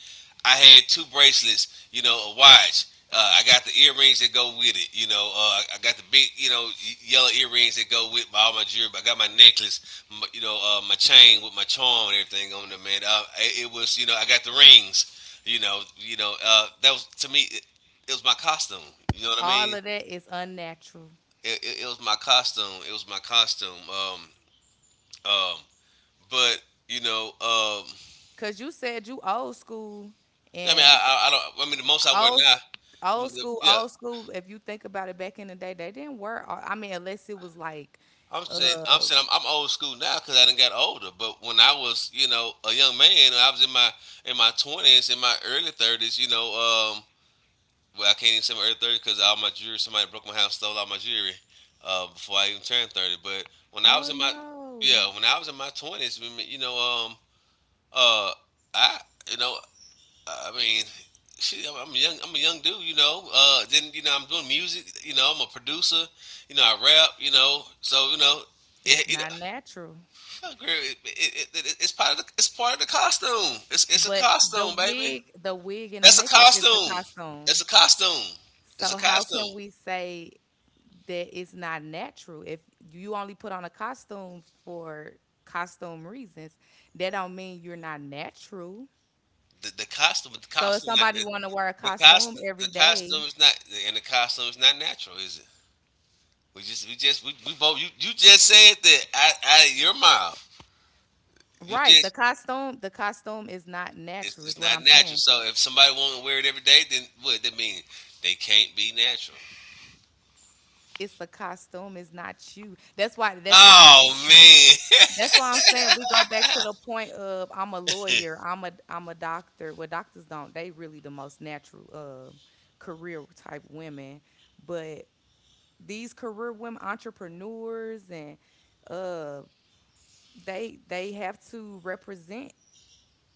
Speaker 2: I had two bracelets, you know, a watch. I got the earrings that go with it, you know. I got the big, you know, yellow earrings that go with my, all my jewelry. I got my necklace, m you know, my chain with my charm and everything on there, man. It was, you know, I got the rings, you know, you know. That was to me, it was my costume. You know what I
Speaker 1: all
Speaker 2: mean?
Speaker 1: of that is unnatural.
Speaker 2: It was my costume. It was my costume. Um, but you know,
Speaker 1: Cause you said you old school
Speaker 2: I mean, I,
Speaker 1: and
Speaker 2: I, I don't. I mean, the most I wear
Speaker 1: old s-
Speaker 2: now,
Speaker 1: old school,
Speaker 2: yeah.
Speaker 1: old school. If you think about it, back in the day, they didn't wear, all- I mean, unless it was like,
Speaker 2: I'm saying,
Speaker 1: uh,
Speaker 2: I'm saying, I'm, I'm old school now because I done got older. But when I was, you know, a young man, I was in my 20s, in my early 30s. You know, well, I can't even say my early 30s because all my jewelry, somebody broke my house, stole all my jewelry before I even turned 30. But when I
Speaker 1: oh
Speaker 2: was in my,
Speaker 1: no.
Speaker 2: yeah, when I was in my 20s, you know, um, uh, I, you know, I mean, shit, I'm a young dude, you know. Then you know, I'm doing music, you know. I'm a producer, you know. I rap, you know. So you know,
Speaker 1: It's
Speaker 2: it, you know,
Speaker 1: not natural.
Speaker 2: fuck, girl, it's part of it's part of the costume. It's a
Speaker 1: But
Speaker 2: costume, baby.
Speaker 1: the wig and the
Speaker 2: That's a
Speaker 1: makeup is a
Speaker 2: costume. That's
Speaker 1: costume.
Speaker 2: a costume. It's a
Speaker 1: So how can
Speaker 2: costume.
Speaker 1: we say that it's not natural if you only put on a costume for costume reasons? That don't mean you're not natural.
Speaker 2: The, the costume, the
Speaker 1: So if
Speaker 2: costume, not
Speaker 1: somebody
Speaker 2: the
Speaker 1: want to wear a
Speaker 2: the
Speaker 1: costume
Speaker 2: costume. The
Speaker 1: every
Speaker 2: costume
Speaker 1: day,
Speaker 2: is not, and the costume is not natural, is it? We both. You just said that. Your mouth. You
Speaker 1: right?
Speaker 2: just
Speaker 1: The costume is not
Speaker 2: It's,
Speaker 1: natural, is
Speaker 2: it's
Speaker 1: what
Speaker 2: not
Speaker 1: I'm
Speaker 2: natural.
Speaker 1: saying.
Speaker 2: So if somebody won't wear it every day, then what that mean? They can't be natural.
Speaker 1: It's a costume. It's not you. That's why. That's why I'm saying.
Speaker 2: Oh man,
Speaker 1: That's why I'm saying, we go back to the point of I'm a lawyer, I'm a, I'm a doctor. Well, doctors don't, they really the most natural career type women. But these career women, entrepreneurs, and uh, they have to represent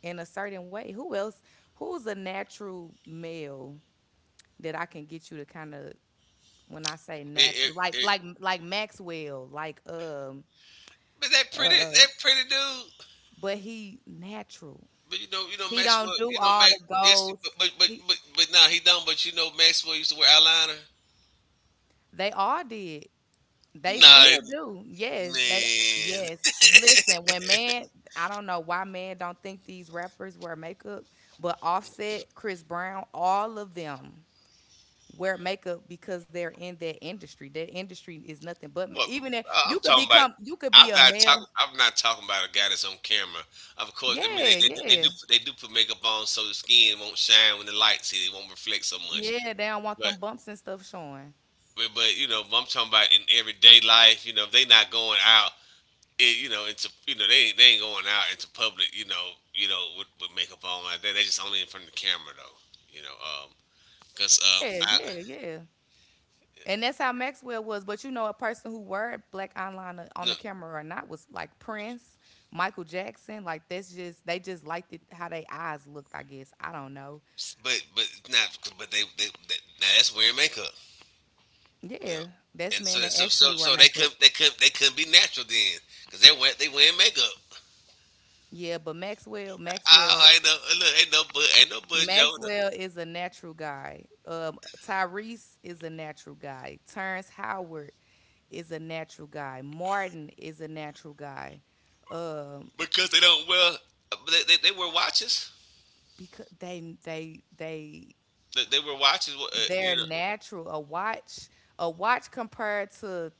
Speaker 1: in a certain way. Who else? Who's a natural male that I can get you to kind of, when I say
Speaker 2: It- it-
Speaker 1: natural, like
Speaker 2: it-
Speaker 1: like like Maxwell, like
Speaker 2: but that pretty dude.
Speaker 1: but he natural.
Speaker 2: But you know
Speaker 1: He
Speaker 2: Maxwell
Speaker 1: don't do
Speaker 2: you know
Speaker 1: all
Speaker 2: Max
Speaker 1: the
Speaker 2: yes
Speaker 1: goals. He,
Speaker 2: but nah, he don't. But you know Maxwell used to wear eyeliner.
Speaker 1: they all did. They
Speaker 2: Nah
Speaker 1: still do. Yes, they,
Speaker 2: man,
Speaker 1: yes. Listen, when man, I don't know why man don't think these rappers wear makeup, but Offset, Chris Brown, all of them wear makeup because they're in that industry. That industry is nothing but,
Speaker 2: what
Speaker 1: even if
Speaker 2: I'm
Speaker 1: you could
Speaker 2: talking about.
Speaker 1: become, you could be a male.
Speaker 2: I'm not talking about a guy that's on camera. Of course, I mean
Speaker 1: Yeah, yeah.
Speaker 2: they do put makeup on so the skin won't shine when the lights hit. It won't reflect so much.
Speaker 1: Yeah, they don't want
Speaker 2: But
Speaker 1: them bumps and stuff showing.
Speaker 2: but you know, I'm talking about in everyday life. You know, if they not going out. It, you know, into you know they ain't going out into public. You know with makeup on like that. They just only in front of the camera though. You know, cause
Speaker 1: Yeah,
Speaker 2: I
Speaker 1: yeah, yeah. And that's how Maxwell was. But you know, a person who were black online on
Speaker 2: no,
Speaker 1: the camera or not was like Prince, Michael Jackson. Like that's just, they just liked it how they eyes looked. I guess I don't know.
Speaker 2: but not but they now that's wearing makeup. You know,
Speaker 1: Yeah, that's
Speaker 2: and so
Speaker 1: men that
Speaker 2: so
Speaker 1: actually
Speaker 2: so
Speaker 1: wear
Speaker 2: so they
Speaker 1: makeup.
Speaker 2: couldn't they couldn't they couldn't be natural then because they wearing makeup.
Speaker 1: Yeah, but Maxwell, Maxwell,
Speaker 2: Oh, ain't no but Yoda
Speaker 1: Maxwell is a natural guy. Tyrese is a natural guy. Terrence Howard is a natural guy. Martin is a natural guy. Um,
Speaker 2: because they don't wear but they wear watches.
Speaker 1: because they they
Speaker 2: They were watches, you
Speaker 1: they're
Speaker 2: know,
Speaker 1: natural. A watch compared to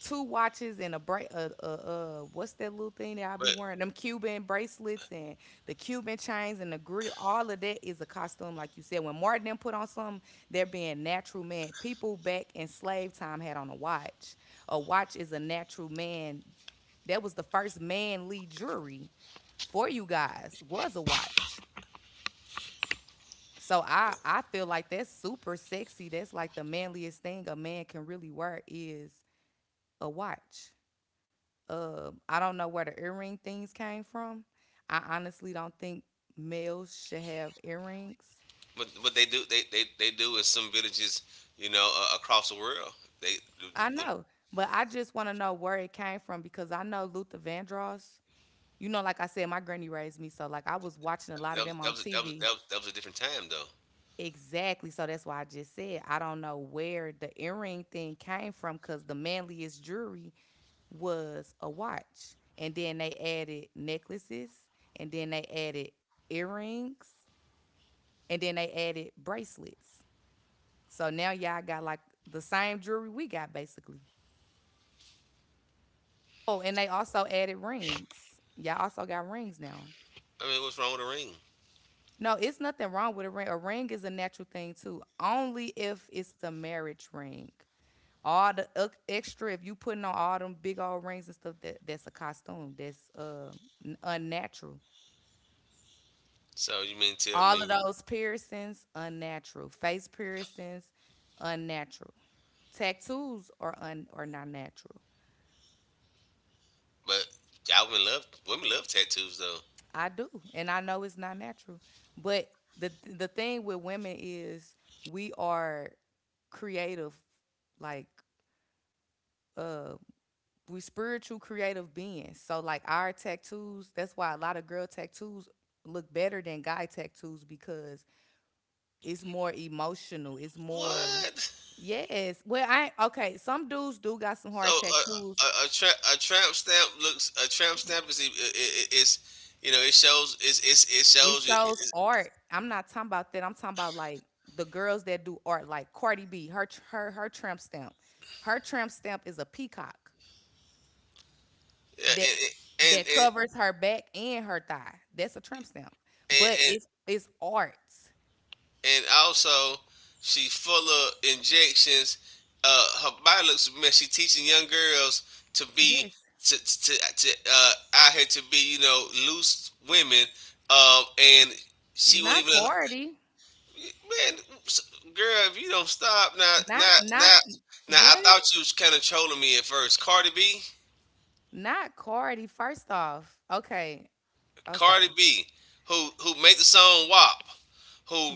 Speaker 1: two watches and a bra, a, what's that little thing that I be
Speaker 2: but
Speaker 1: wearing? Them Cuban bracelets and the Cuban chains and the grill. All of that is a costume, like you said. When Martin them put on something, they're being natural man. People back in slave time had on a watch. A watch is a natural man. That was the first manly jewelry for you guys was a watch. So I feel like that's super sexy. That's like the manliest thing a man can really wear is a watch. I don't know where the earring things came from. I honestly don't think males should have earrings.
Speaker 2: but what they do they do in some villages, you know, across the world. They the,
Speaker 1: I
Speaker 2: the,
Speaker 1: know, but I just want to know where it came from because I know Luther Vandross. You know, like I said, my granny raised me, so like I was watching a lot
Speaker 2: that,
Speaker 1: of
Speaker 2: was,
Speaker 1: them
Speaker 2: that,
Speaker 1: on
Speaker 2: was, that was
Speaker 1: TV.
Speaker 2: that was that was a different time though.
Speaker 1: Exactly. So that's why I just said I don't know where the earring thing came from because the manliest jewelry was a watch. And then they added necklaces, and then they added earrings, and then they added bracelets. So now y'all got like the same jewelry we got basically. Oh, and they also added rings. Y'all also got rings now.
Speaker 2: I mean, what's wrong with a ring?
Speaker 1: No, it's nothing wrong with a ring. A ring is a natural thing too. Only if it's a marriage ring. All the extra, if you putting on all them big old rings and stuff, that, that's a costume. That's unnatural.
Speaker 2: So you mean tell
Speaker 1: All of
Speaker 2: me?
Speaker 1: those piercings, unnatural. Face piercings, unnatural. Tattoos are un- are not natural.
Speaker 2: But y'all women love tattoos though.
Speaker 1: I do, and I know it's not natural. But the thing with women is we are creative, like uh, we spiritual creative beings. So like our tattoos, that's why a lot of girl tattoos look better than guy tattoos because it's more emotional. It's more...
Speaker 2: What?
Speaker 1: yes. Well, I... okay. Some dudes do got some
Speaker 2: So
Speaker 1: hard
Speaker 2: a
Speaker 1: tattoos.
Speaker 2: a, a, tra- a tramp stamp looks a tramp stamp is I- is you know it shows it
Speaker 1: It
Speaker 2: shows you
Speaker 1: shows art. I'm not talking about that. I'm talking about like the girls that do art, like Cardi B. Her tramp stamp. Her tramp stamp is a peacock that
Speaker 2: yeah,
Speaker 1: that covers her back and her thigh. That's a tramp stamp.
Speaker 2: and,
Speaker 1: But
Speaker 2: and,
Speaker 1: it's art.
Speaker 2: and also she's full of injections. Her body looks man. She's teaching young girls to be
Speaker 1: Yes.
Speaker 2: to out here to be you know loose women. And she won't
Speaker 1: Not
Speaker 2: even
Speaker 1: Cardi.
Speaker 2: man, girl. If you don't stop
Speaker 1: Not not
Speaker 2: now, I
Speaker 1: what?
Speaker 2: thought you was kind of trolling me at first, Cardi B.
Speaker 1: Not Cardi. First off, okay,
Speaker 2: Cardi
Speaker 1: okay.
Speaker 2: B, who made the song WAP, who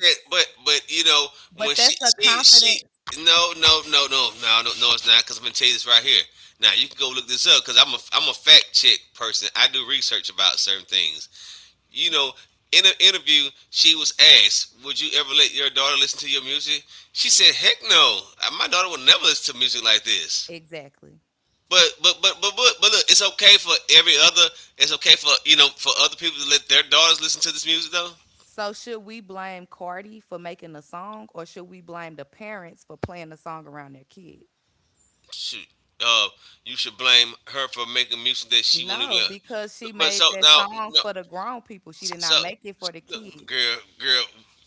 Speaker 2: said, but you know
Speaker 1: but
Speaker 2: when
Speaker 1: that's a
Speaker 2: she
Speaker 1: confidence...
Speaker 2: no it's not because I'm gonna tell you this right here. Now you can go look this up because I'm a fact check person. I do research about certain things. You know, in an interview, she was asked, "Would you ever let your daughter listen to your music?" She said, "Heck no. My daughter will never listen to music like this."
Speaker 1: exactly.
Speaker 2: But look, it's okay for every other. It's okay for you know for other people to let their daughters listen to this music though.
Speaker 1: So should we blame Cardi for making the song, or should we blame the parents for playing the song around their kid?
Speaker 2: Shoot, uh, you should blame her for making music that she won't even.
Speaker 1: No,
Speaker 2: Let her.
Speaker 1: because she
Speaker 2: But
Speaker 1: made
Speaker 2: so
Speaker 1: that
Speaker 2: now
Speaker 1: song
Speaker 2: no,
Speaker 1: for the grown people. She did
Speaker 2: so
Speaker 1: not make it for the
Speaker 2: look,
Speaker 1: kids.
Speaker 2: girl,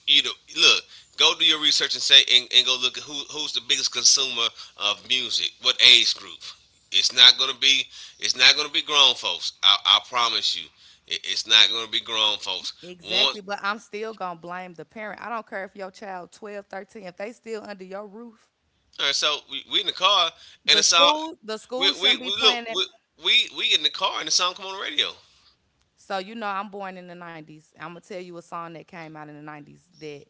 Speaker 2: you know look. Go do your research and go look at who's the biggest consumer of music. What age group? It's not gonna be grown folks. I promise you, it's not gonna be grown folks.
Speaker 1: Exactly,
Speaker 2: Once
Speaker 1: but I'm still going to blame the parent. I don't care if your child 12, 13, if they still under your roof,
Speaker 2: all right, so we in the car and the song
Speaker 1: the school
Speaker 2: we we,
Speaker 1: shouldn't be
Speaker 2: we look
Speaker 1: playing it.
Speaker 2: we, we in the car and the song come on the radio.
Speaker 1: So you know I'm born in the 90s. I'm going to tell you a song that came out in the 90s that...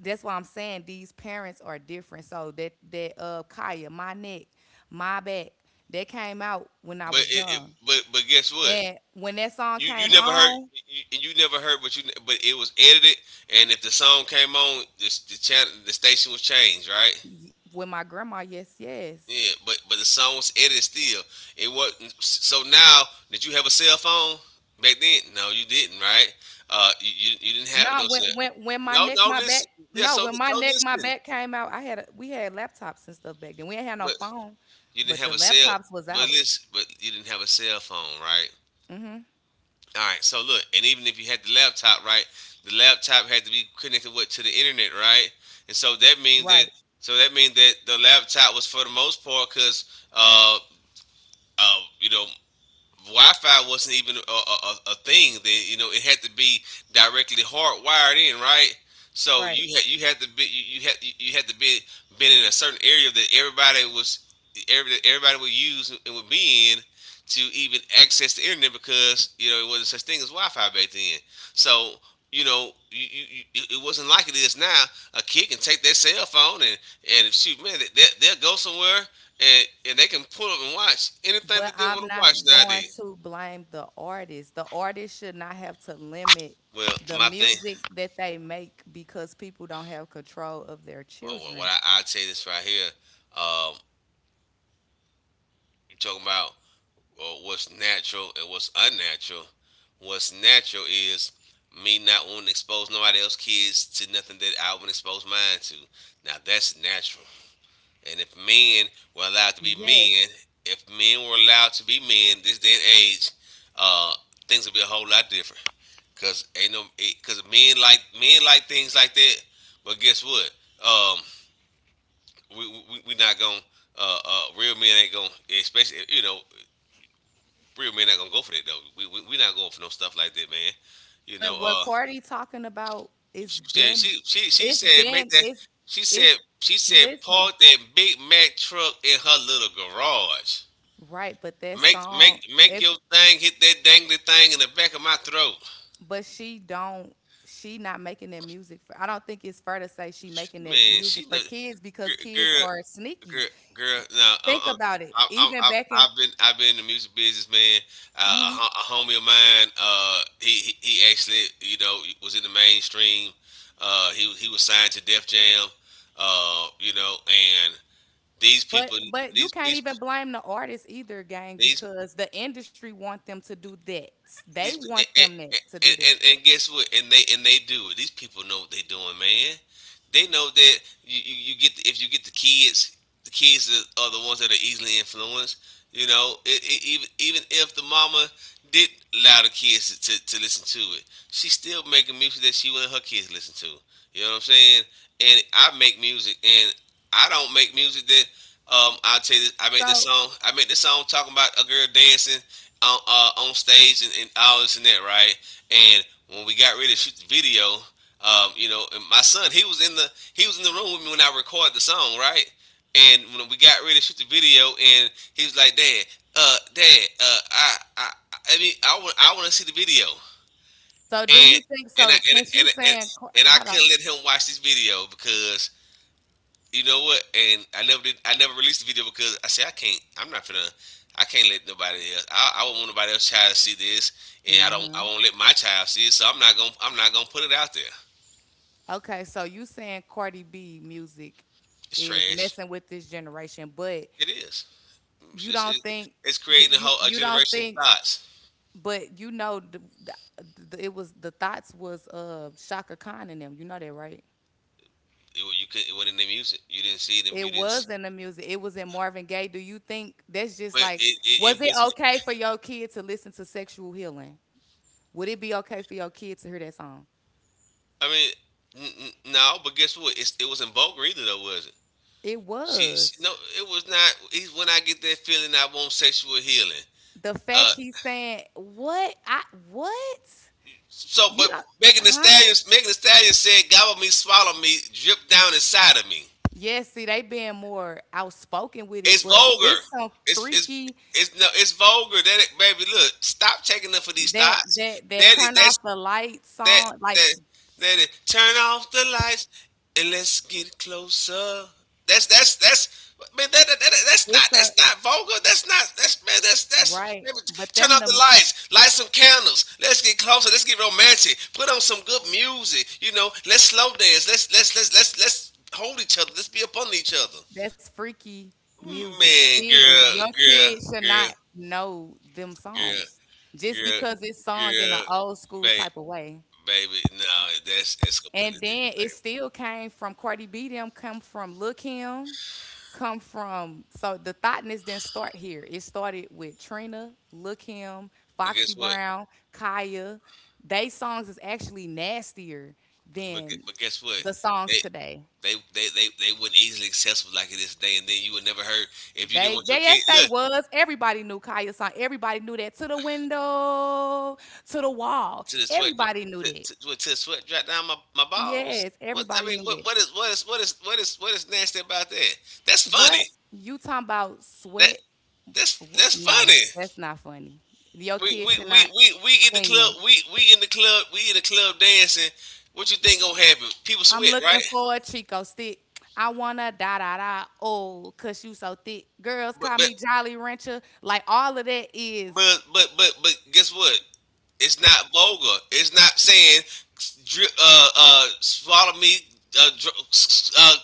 Speaker 1: that's why I'm saying these parents are different. So that that Kaya, my neck, my back, that came out when I
Speaker 2: But
Speaker 1: was
Speaker 2: it
Speaker 1: young.
Speaker 2: but guess what?
Speaker 1: And when that song
Speaker 2: You you
Speaker 1: came
Speaker 2: never heard
Speaker 1: on,
Speaker 2: you never heard but you but it was edited and if the song came on the channel the station was changed, right?
Speaker 1: y- with my grandma, yes, yes.
Speaker 2: Yeah, but the song was edited still. It wasn't so now did you have a cell phone back then? No, you didn't, right? You didn't have no
Speaker 1: No, when
Speaker 2: cell.
Speaker 1: when when my
Speaker 2: No,
Speaker 1: neck,
Speaker 2: no,
Speaker 1: my back,
Speaker 2: listen. Yeah,
Speaker 1: no,
Speaker 2: so
Speaker 1: when my
Speaker 2: so
Speaker 1: neck, my
Speaker 2: listen.
Speaker 1: back came out, I had a, we had laptops and stuff back then. We ain't had no
Speaker 2: But
Speaker 1: phone,
Speaker 2: you didn't
Speaker 1: but
Speaker 2: have
Speaker 1: the
Speaker 2: a cell,
Speaker 1: laptops was
Speaker 2: but
Speaker 1: out.
Speaker 2: listen, but you didn't have a cell phone, right?
Speaker 1: Hmm.
Speaker 2: All right. So look, and even if you had the laptop, right, the laptop had to be connected what to the internet, right? And so that means that
Speaker 1: Right,
Speaker 2: so that means that the laptop was for the most part because uh, you know Wi-Fi wasn't even a thing then. You know, it had to be directly hardwired in, right? So
Speaker 1: right.
Speaker 2: you had to be you, you had you you had to be been in a certain area that everybody was everybody would use and would be in to even access the internet because you know it wasn't such thing as Wi-Fi back then. So you know you, it wasn't like it is now. A kid can take their cell phone and shoot man they'll go somewhere and they can pull up and watch anything
Speaker 1: But
Speaker 2: that they want
Speaker 1: I'm
Speaker 2: to watch
Speaker 1: not going
Speaker 2: nowadays.
Speaker 1: to blame the artist. The artist should not have to limit
Speaker 2: Well,
Speaker 1: the
Speaker 2: my thing,
Speaker 1: music that they make because people don't have control of their
Speaker 2: well, what
Speaker 1: children.
Speaker 2: I'd say this right here, um, you're talking about well, what's natural and what's unnatural. What's natural is me not wanting to expose nobody else's kids to nothing that I wouldn't expose mine to. Now, that's natural. And if men were allowed to be
Speaker 1: Yes.
Speaker 2: men, if men were allowed to be men this day and age, uh, things would be a whole lot different. Cause ain't no, it, cause men like things like that. But guess what? Um, we not gonna real men ain't gonna especially you know real men not gonna go for that though. We not going for no stuff like that, man. You
Speaker 1: But
Speaker 2: know,
Speaker 1: what Cardi talking about is been,
Speaker 2: she
Speaker 1: it's
Speaker 2: said make
Speaker 1: been
Speaker 2: that she
Speaker 1: it's
Speaker 2: said
Speaker 1: listen.
Speaker 2: park that Big Mac truck in her little garage.
Speaker 1: Right, but that
Speaker 2: Make
Speaker 1: song,
Speaker 2: make make
Speaker 1: if,
Speaker 2: your thing hit that dangly thing in the back of my throat.
Speaker 1: but she don't, she not making that music for... I don't think it's fair to say she making that
Speaker 2: Man,
Speaker 1: music
Speaker 2: she
Speaker 1: for
Speaker 2: know,
Speaker 1: kids because kids
Speaker 2: girl,
Speaker 1: are sneaky.
Speaker 2: girl, girl. No,
Speaker 1: Think
Speaker 2: i
Speaker 1: about it.
Speaker 2: i i
Speaker 1: Even
Speaker 2: i
Speaker 1: back in...
Speaker 2: I've been I've been in the music business, man. Uh, a,
Speaker 1: mhm.
Speaker 2: ho- a homie of mine, he actually was in the mainstream. He was signed to Def Jam. And these people,
Speaker 1: But you
Speaker 2: these
Speaker 1: can't
Speaker 2: these
Speaker 1: even blame the artists either, gang,
Speaker 2: these
Speaker 1: because the industry want them to do that. They
Speaker 2: these and,
Speaker 1: want them that
Speaker 2: and,
Speaker 1: to do
Speaker 2: and,
Speaker 1: that.
Speaker 2: and and guess what? And they do it. These people know what they're doing, man. They know that if you get the kids are the ones that are easily influenced. Even if the mama did allow the kids to listen to it, she's still making music that she wanted her kids to listen to. You know what I'm saying? And I make music, and I don't make music that I'll tell you this.
Speaker 1: So
Speaker 2: I make this song talking about a girl dancing on stage and all this and that, right? And when we got ready to shoot the video, you know, and my son, he was in the he was in the room with me when I recorded the song, right? And when we got ready to shoot the video, and he was like, "Dad, I mean, I want to see the video,"
Speaker 1: so do
Speaker 2: and
Speaker 1: you think
Speaker 2: and I
Speaker 1: so?
Speaker 2: and
Speaker 1: Since you
Speaker 2: and, and,
Speaker 1: saying Ca-
Speaker 2: and I
Speaker 1: hold on,
Speaker 2: couldn't let him watch this video because you know what? And I never did. I never released the video because I said I can't. I'm not gonna. I can't let nobody else. I won't want nobody else's child to see this, and I don't.
Speaker 1: hmm,
Speaker 2: I won't let my child see it. So I'm not gonna. I'm not gonna put it out there.
Speaker 1: okay, so you saying Cardi B music
Speaker 2: It's
Speaker 1: is
Speaker 2: trash.
Speaker 1: messing with this generation, but
Speaker 2: It is.
Speaker 1: you
Speaker 2: It's,
Speaker 1: don't
Speaker 2: it's,
Speaker 1: think,
Speaker 2: it's
Speaker 1: do
Speaker 2: creating a
Speaker 1: you...
Speaker 2: whole a
Speaker 1: you don't
Speaker 2: generation
Speaker 1: think,
Speaker 2: of thoughts.
Speaker 1: but you know the, it was the thoughts was Shaka Khan in them. You know that, right?
Speaker 2: You could. It wasn't in the music. You didn't see them. You
Speaker 1: It
Speaker 2: didn't. See,
Speaker 1: was in the music. It was in Marvin Gaye. Do you think that's just
Speaker 2: but
Speaker 1: like,
Speaker 2: it
Speaker 1: was it
Speaker 2: was.
Speaker 1: okay for your kid to listen to Sexual Healing? Would it be okay for your kid to hear that song?
Speaker 2: I mean, no. But guess what? It wasn't vulgar either, though, was it?
Speaker 1: It
Speaker 2: She
Speaker 1: was.
Speaker 2: No. It was not. He's when I get that feeling, I want sexual healing.
Speaker 1: The
Speaker 2: Uh,
Speaker 1: fact he's saying, "What? I... what?
Speaker 2: So, but
Speaker 1: You don't... huh?"
Speaker 2: Megan Thee Stallion said, "Gobble me, swallow me, drip down inside of me."
Speaker 1: Yes, see, they being more outspoken with it,
Speaker 2: It's
Speaker 1: but
Speaker 2: vulgar.
Speaker 1: it's some
Speaker 2: It's it's
Speaker 1: freaky...
Speaker 2: it's No, it's vulgar. Baby, look, stop taking them for these
Speaker 1: that
Speaker 2: thoughts.
Speaker 1: that that
Speaker 2: That is-
Speaker 1: turn
Speaker 2: that
Speaker 1: off the light
Speaker 2: that
Speaker 1: song. Like
Speaker 2: that that is, Turn off the lights and let's get closer. That's man.
Speaker 1: it's a,
Speaker 2: That's not vulgar. That's not that's man. That's
Speaker 1: right,
Speaker 2: man,
Speaker 1: but
Speaker 2: turn
Speaker 1: them
Speaker 2: off the
Speaker 1: the...
Speaker 2: lights, light some candles. Let's get closer. Let's get romantic. Put on some good music. You know, let's slow dance. Let's hold each other. Let's be up on each other.
Speaker 1: That's freaky music.
Speaker 2: Man,
Speaker 1: Still,
Speaker 2: girl,
Speaker 1: your
Speaker 2: girl,
Speaker 1: kids should
Speaker 2: girl,
Speaker 1: not know them
Speaker 2: girl,
Speaker 1: songs just
Speaker 2: girl,
Speaker 1: because it's sung in
Speaker 2: girl,
Speaker 1: an old school
Speaker 2: babe,
Speaker 1: type of way.
Speaker 2: baby. No, that's
Speaker 1: And
Speaker 2: completely
Speaker 1: then
Speaker 2: different,
Speaker 1: it
Speaker 2: baby.
Speaker 1: still came from Cardi B. Them come from Lil Kim. Come from, so the thoughtness didn't start here. It started with Trina, Lil Kim,
Speaker 2: But
Speaker 1: Foxy
Speaker 2: guess what?
Speaker 1: Brown, Kaya. They songs is actually nastier
Speaker 2: But, gu-
Speaker 1: than
Speaker 2: but guess what?
Speaker 1: the songs
Speaker 2: They
Speaker 1: today.
Speaker 2: they weren't easily accessible like it is today. And then you would never heard if you didn't want your
Speaker 1: They,
Speaker 2: kid
Speaker 1: yes, they
Speaker 2: look
Speaker 1: was. Everybody knew Kaya's song. Everybody knew that, to the window, to the wall.
Speaker 2: to the sweat
Speaker 1: Everybody knew
Speaker 2: dri-
Speaker 1: that.
Speaker 2: to the sweat drop down my balls.
Speaker 1: Yes, everybody knew that.
Speaker 2: What is what is what is what is what is nasty about that? That's funny.
Speaker 1: What you talking about?
Speaker 2: That
Speaker 1: Sweat?
Speaker 2: that's
Speaker 1: Wh- no,
Speaker 2: funny.
Speaker 1: that's not funny. Your kids should not
Speaker 2: We in the
Speaker 1: sing that.
Speaker 2: club we in the club We in the club dancing. What you think gonna happen? People
Speaker 1: I'm
Speaker 2: sweat, right?
Speaker 1: looking for a Chico stick. I wanna da da da. Oh, cause you so thick. Girls
Speaker 2: But
Speaker 1: call
Speaker 2: but
Speaker 1: me Jolly Rancher. Like all of that is...
Speaker 2: but guess what? It's not vulgar. It's not saying drip, swallow me, uh, dr- uh,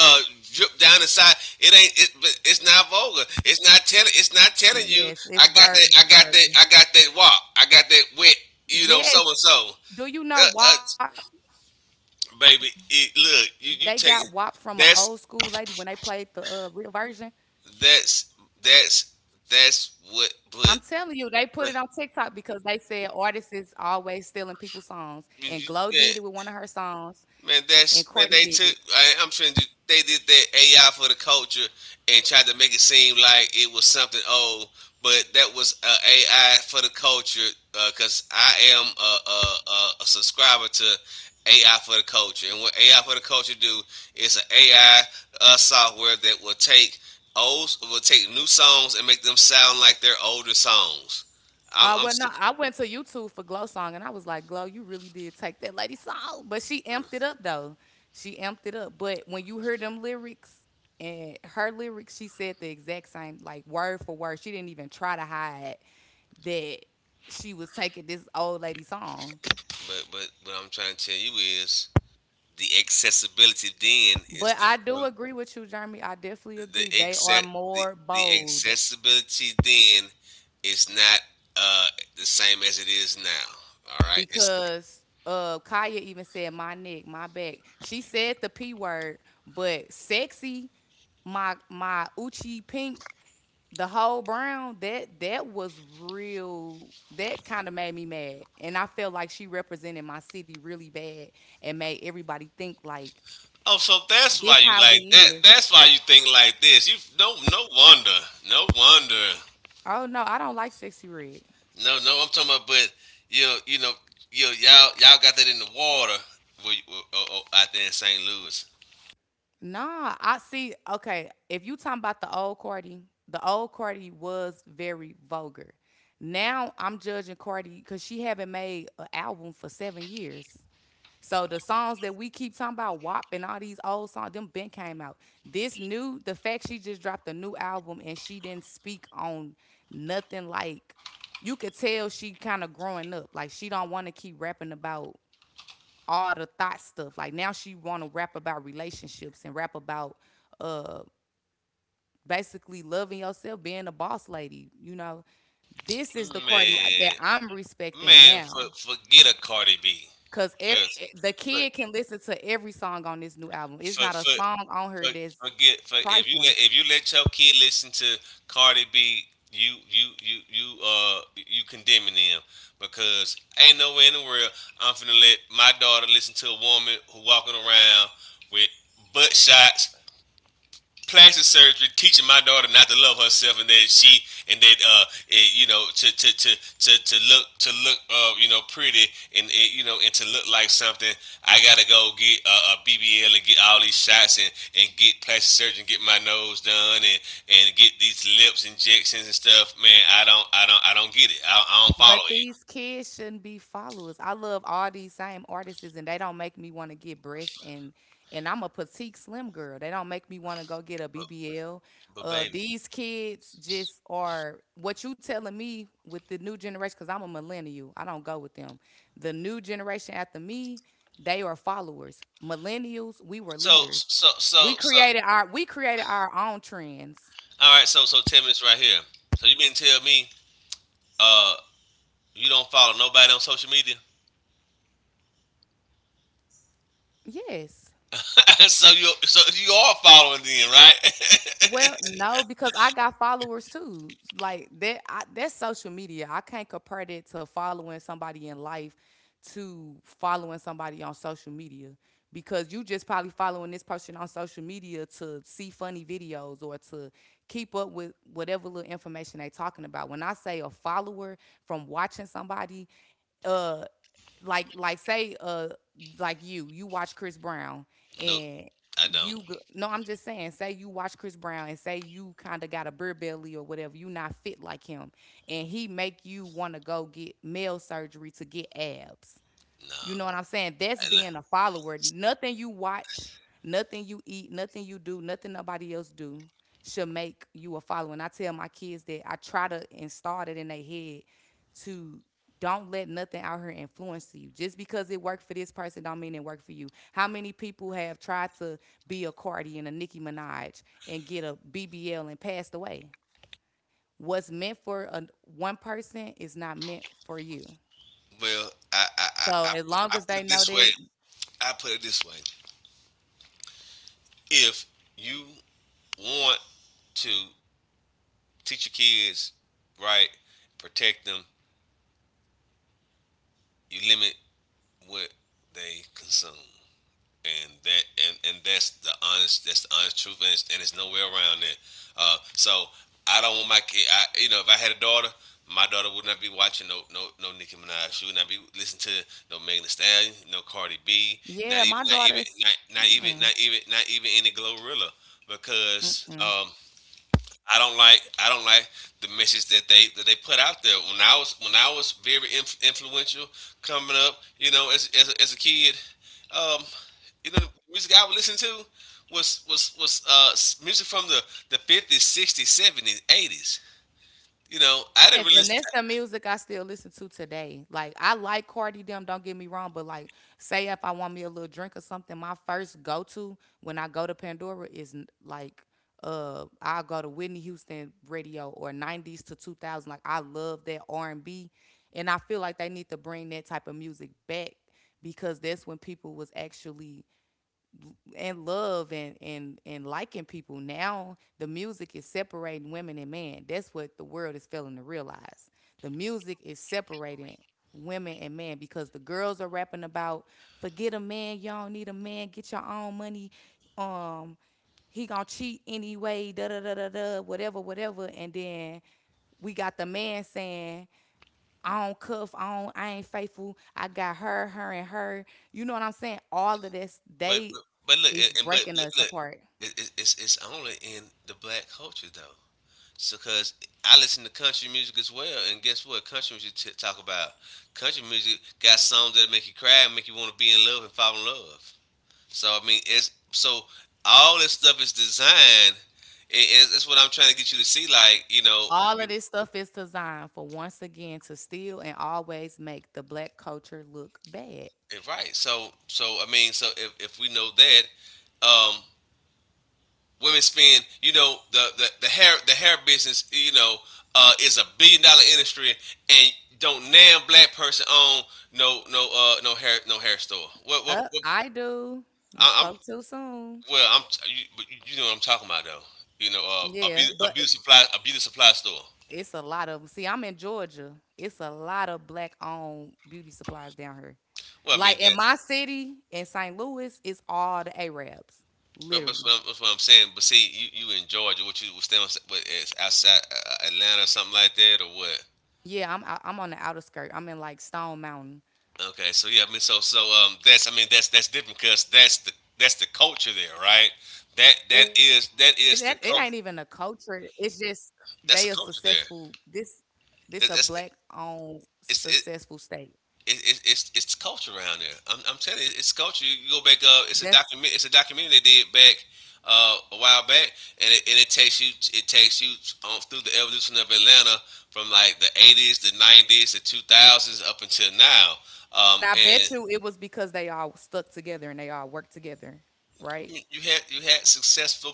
Speaker 2: uh, drip down inside. It ain't. But it's not vulgar. It's not telling. It's not telling you.
Speaker 1: yes, it's Virgo, Virgo.
Speaker 2: I got that walk. I got that wet. You know, so
Speaker 1: Yes.
Speaker 2: and so.
Speaker 1: Do you
Speaker 2: Uh,
Speaker 1: know WAP?
Speaker 2: uh,
Speaker 1: They got WAP from an old
Speaker 2: Baby,
Speaker 1: school lady when they
Speaker 2: look.
Speaker 1: played
Speaker 2: You
Speaker 1: the
Speaker 2: you take.
Speaker 1: real
Speaker 2: That's
Speaker 1: version.
Speaker 2: that's that's that's
Speaker 1: I'm
Speaker 2: what.
Speaker 1: telling you,
Speaker 2: But
Speaker 1: they put it on TikTok
Speaker 2: but
Speaker 1: because they said artists is always stealing people's songs. And
Speaker 2: you,
Speaker 1: Glow
Speaker 2: you,
Speaker 1: did it with
Speaker 2: yeah,
Speaker 1: one of her songs,
Speaker 2: man,
Speaker 1: and
Speaker 2: that's
Speaker 1: Cardi
Speaker 2: man.
Speaker 1: did
Speaker 2: They
Speaker 1: it.
Speaker 2: took. I'm trying to. They did that AI for the culture and tried to make it seem like it was something old, but that was AI for the culture. Because I am a subscriber to AI for the culture, and what AI for the culture do is an AI software that will will take new songs and make them sound like their older songs. I'm
Speaker 1: Well, no,
Speaker 2: st-
Speaker 1: I went to YouTube for Glow song, and I was like, Glow, you really did take that lady's song, but she amped it up though. She amped it up. But when you hear them lyrics and her lyrics, she said the exact same, like word for word. She didn't even try to hide that she was taking this old lady song.
Speaker 2: but What I'm trying to tell you is the accessibility then is
Speaker 1: But I do
Speaker 2: different.
Speaker 1: agree with you, Jeremy. I definitely
Speaker 2: The
Speaker 1: agree. They are
Speaker 2: exact the,
Speaker 1: more
Speaker 2: the
Speaker 1: bold
Speaker 2: accessibility then is not uh the same as it is now. All right. It's
Speaker 1: because Kaya even said my neck, my back. She said the P word, but sexy, my Uchi pink, the whole brown, that that was real, that kind of made me mad. And I felt like she represented my city really bad and made everybody think like
Speaker 2: Oh, so that's
Speaker 1: this
Speaker 2: why you
Speaker 1: how
Speaker 2: like
Speaker 1: we
Speaker 2: that.
Speaker 1: is.
Speaker 2: That's why you think like this. You no No wonder. No wonder.
Speaker 1: Oh no, I don't like sexy red.
Speaker 2: No, no. I'm talking about. But you know you know y'all got that in the water. Where, you- oh! Out there in St. Louis.
Speaker 1: Nah, I see. Okay, if you talking about the old Cardi was very vulgar. Now I'm judging Cardi because she haven't made an album for 7 years. So the songs that we keep talking about, WAP and all these old songs, them been came out. This new, the fact she just dropped a new album and she didn't speak on nothing like... you could tell she kind of growing up. Like she don't want to keep rapping about all the thought stuff. Like now she want to rap about relationships and rap about uh basically loving yourself, being a boss lady. You know, this is the Cardi
Speaker 2: Man,
Speaker 1: that I'm respecting
Speaker 2: man,
Speaker 1: now.
Speaker 2: for, forget a Cardi B.
Speaker 1: Cause The
Speaker 2: for,
Speaker 1: kid can listen to every song on this new album. It's
Speaker 2: for,
Speaker 1: not a
Speaker 2: for,
Speaker 1: song on her
Speaker 2: for-
Speaker 1: that's
Speaker 2: Forget for If you
Speaker 1: trifling.
Speaker 2: let your kid listen to Cardi B, you condemning them because ain't no way in the world I'm finna let my daughter listen to a woman who walking around with butt shots plastic surgery, teaching my daughter not to love herself, and that to look pretty and it, you know, and to look like something. I gotta go get a BBL and get all these shots and get plastic surgery, and get my nose done, and get these lips injections and stuff. Man, I don't get it. I don't follow
Speaker 1: But
Speaker 2: it.
Speaker 1: these kids shouldn't be followers. I love all these same artists, and they don't make me want to get breasts. And I'm a petite slim girl. They don't make me want to go get a
Speaker 2: But,
Speaker 1: BBL.
Speaker 2: but, baby,
Speaker 1: These kids just are what you telling me with the new generation. Cause I'm a millennial. I don't go with them. The new generation after me, they are followers. Millennials, we were
Speaker 2: so
Speaker 1: leaders.
Speaker 2: so so
Speaker 1: We
Speaker 2: so.
Speaker 1: created our, we created our own trends.
Speaker 2: All right, so tell me this right here. So you mean to tell me, uh, you don't follow nobody on social media,
Speaker 1: Yes.
Speaker 2: so you are following them, right?
Speaker 1: Well, no, because I got followers too. Like that, I, that's social media. I can't compare that to following somebody in life to following somebody on social media because you just probably following this person on social media to see funny videos or to keep up with whatever little information they talking about. When I say a follower from watching somebody, uh, like say like you watch Chris Brown
Speaker 2: Nope,
Speaker 1: and
Speaker 2: I don't.
Speaker 1: you go- no, I'm just saying, say you watch Chris Brown and say you kind of got a beer belly or whatever, you not fit like him and he make you want to go get male surgery to get abs. You
Speaker 2: No.
Speaker 1: know what I'm saying? That's
Speaker 2: I-
Speaker 1: being a follower. Nothing you watch, nothing you eat, nothing you do, nothing nobody else do should make you a follower. And I tell my kids that, I try to install it in their head to don't let nothing out here influence you. Just because it worked for this person don't mean it worked for you. How many people have tried to be a Cardi and a Nicki Minaj and get a BBL and passed away? What's meant for a, one person is not meant for you.
Speaker 2: Well, I I, I
Speaker 1: So
Speaker 2: I
Speaker 1: as long
Speaker 2: I
Speaker 1: as
Speaker 2: put
Speaker 1: they
Speaker 2: it
Speaker 1: know
Speaker 2: this way.
Speaker 1: that...
Speaker 2: I put it this way. If you want to teach your kids right, protect them, you limit what they consume. And that's the honest truth and it's no way around that. So I don't want my kid I, if I had a daughter my daughter would not be watching no Nicki Minaj. She would not be listening to no Megan Thee Stallion, no Cardi B, not
Speaker 1: Yeah,
Speaker 2: even
Speaker 1: my
Speaker 2: not even
Speaker 1: daughter's.
Speaker 2: not, not even
Speaker 1: Mm-mm,
Speaker 2: not even not even any Glorilla because
Speaker 1: mm-mm.
Speaker 2: I don't like the message that they put out there. When I was very influential coming up, you know, as a kid, um, the music I would listen to was music from the 50s, 60s, 70s, 80s. You know, I didn't
Speaker 1: Yes,
Speaker 2: really,
Speaker 1: and
Speaker 2: listen
Speaker 1: that's the
Speaker 2: to-
Speaker 1: music I still listen to today. Like I like Cardi them, don't get me wrong, but like, say if I want me a little drink or something, my first go to when I go to Pandora is n- like I'll go to Whitney Houston radio or nineties to 2000. Like I love that R&B and I feel like they need to bring that type of music back because that's when people was actually and love and liking people. Now the music is separating women and men. That's what the world is failing to realize. The music is separating women and men because the girls are rapping about forget a man, y'all need a man, get your own money. Um, he gonna cheat anyway, da da da da da, whatever, whatever. And then we got the man saying I don't cuff, I don't, I ain't faithful. I got her, her, and her. You know what I'm saying? All of this,
Speaker 2: but
Speaker 1: they
Speaker 2: but, but look,
Speaker 1: is
Speaker 2: and-
Speaker 1: breaking
Speaker 2: but
Speaker 1: us
Speaker 2: look,
Speaker 1: apart.
Speaker 2: it's only in the black culture though. So, cause I listen to country music as well, and guess what? Country music got songs that make you cry, and make you want to be in love and fall in love. So I mean, it's so all this stuff is designed. It's what I'm trying to get you to see, like,
Speaker 1: All
Speaker 2: you,
Speaker 1: of this stuff is designed for once again to steal and always make the black culture look bad.
Speaker 2: right? So I mean, so if we know that, um, women spend, you know, the hair business, is $1 billion industry and don't damn black person own no hair store. What what,
Speaker 1: Up,
Speaker 2: what
Speaker 1: I do. You
Speaker 2: I'm
Speaker 1: spoke too soon.
Speaker 2: well I'm you, but you know what I'm talking about though. You know,
Speaker 1: Yeah, but
Speaker 2: a beauty supply store.
Speaker 1: it's a lot of 'em. See, I'm in Georgia. It's a lot of black owned beauty supplies down here.
Speaker 2: Well, I mean
Speaker 1: Like in
Speaker 2: that,
Speaker 1: my city, in St. Louis, it's all the Arabs,
Speaker 2: but that's
Speaker 1: literally.
Speaker 2: what, that's what I'm saying. But see, you in Georgia, what you was staying, what is outside Atlanta or something like that, or what?
Speaker 1: Yeah, I'm out, I'm on the outer skirt. I'm in like Stone Mountain.
Speaker 2: Okay, so yeah, I mean, so that's different because that's the culture there, right?
Speaker 1: It that it ain't
Speaker 2: That
Speaker 1: even a
Speaker 2: is the culture.
Speaker 1: culture. It's just they are
Speaker 2: That's the culture
Speaker 1: successful.
Speaker 2: there.
Speaker 1: This a
Speaker 2: That,
Speaker 1: black
Speaker 2: that's
Speaker 1: owned
Speaker 2: it's it,
Speaker 1: successful state.
Speaker 2: it, it, It's culture around there. I'm telling you, it's culture. You, go back.
Speaker 1: That's
Speaker 2: It's a documentary they did back a while back, and it takes you on through the evolution of Atlanta from like the 80s, the 90s, the 2000s up until now.
Speaker 1: and I
Speaker 2: And
Speaker 1: bet you it was because they all stuck together and they all worked together, right?
Speaker 2: you had successful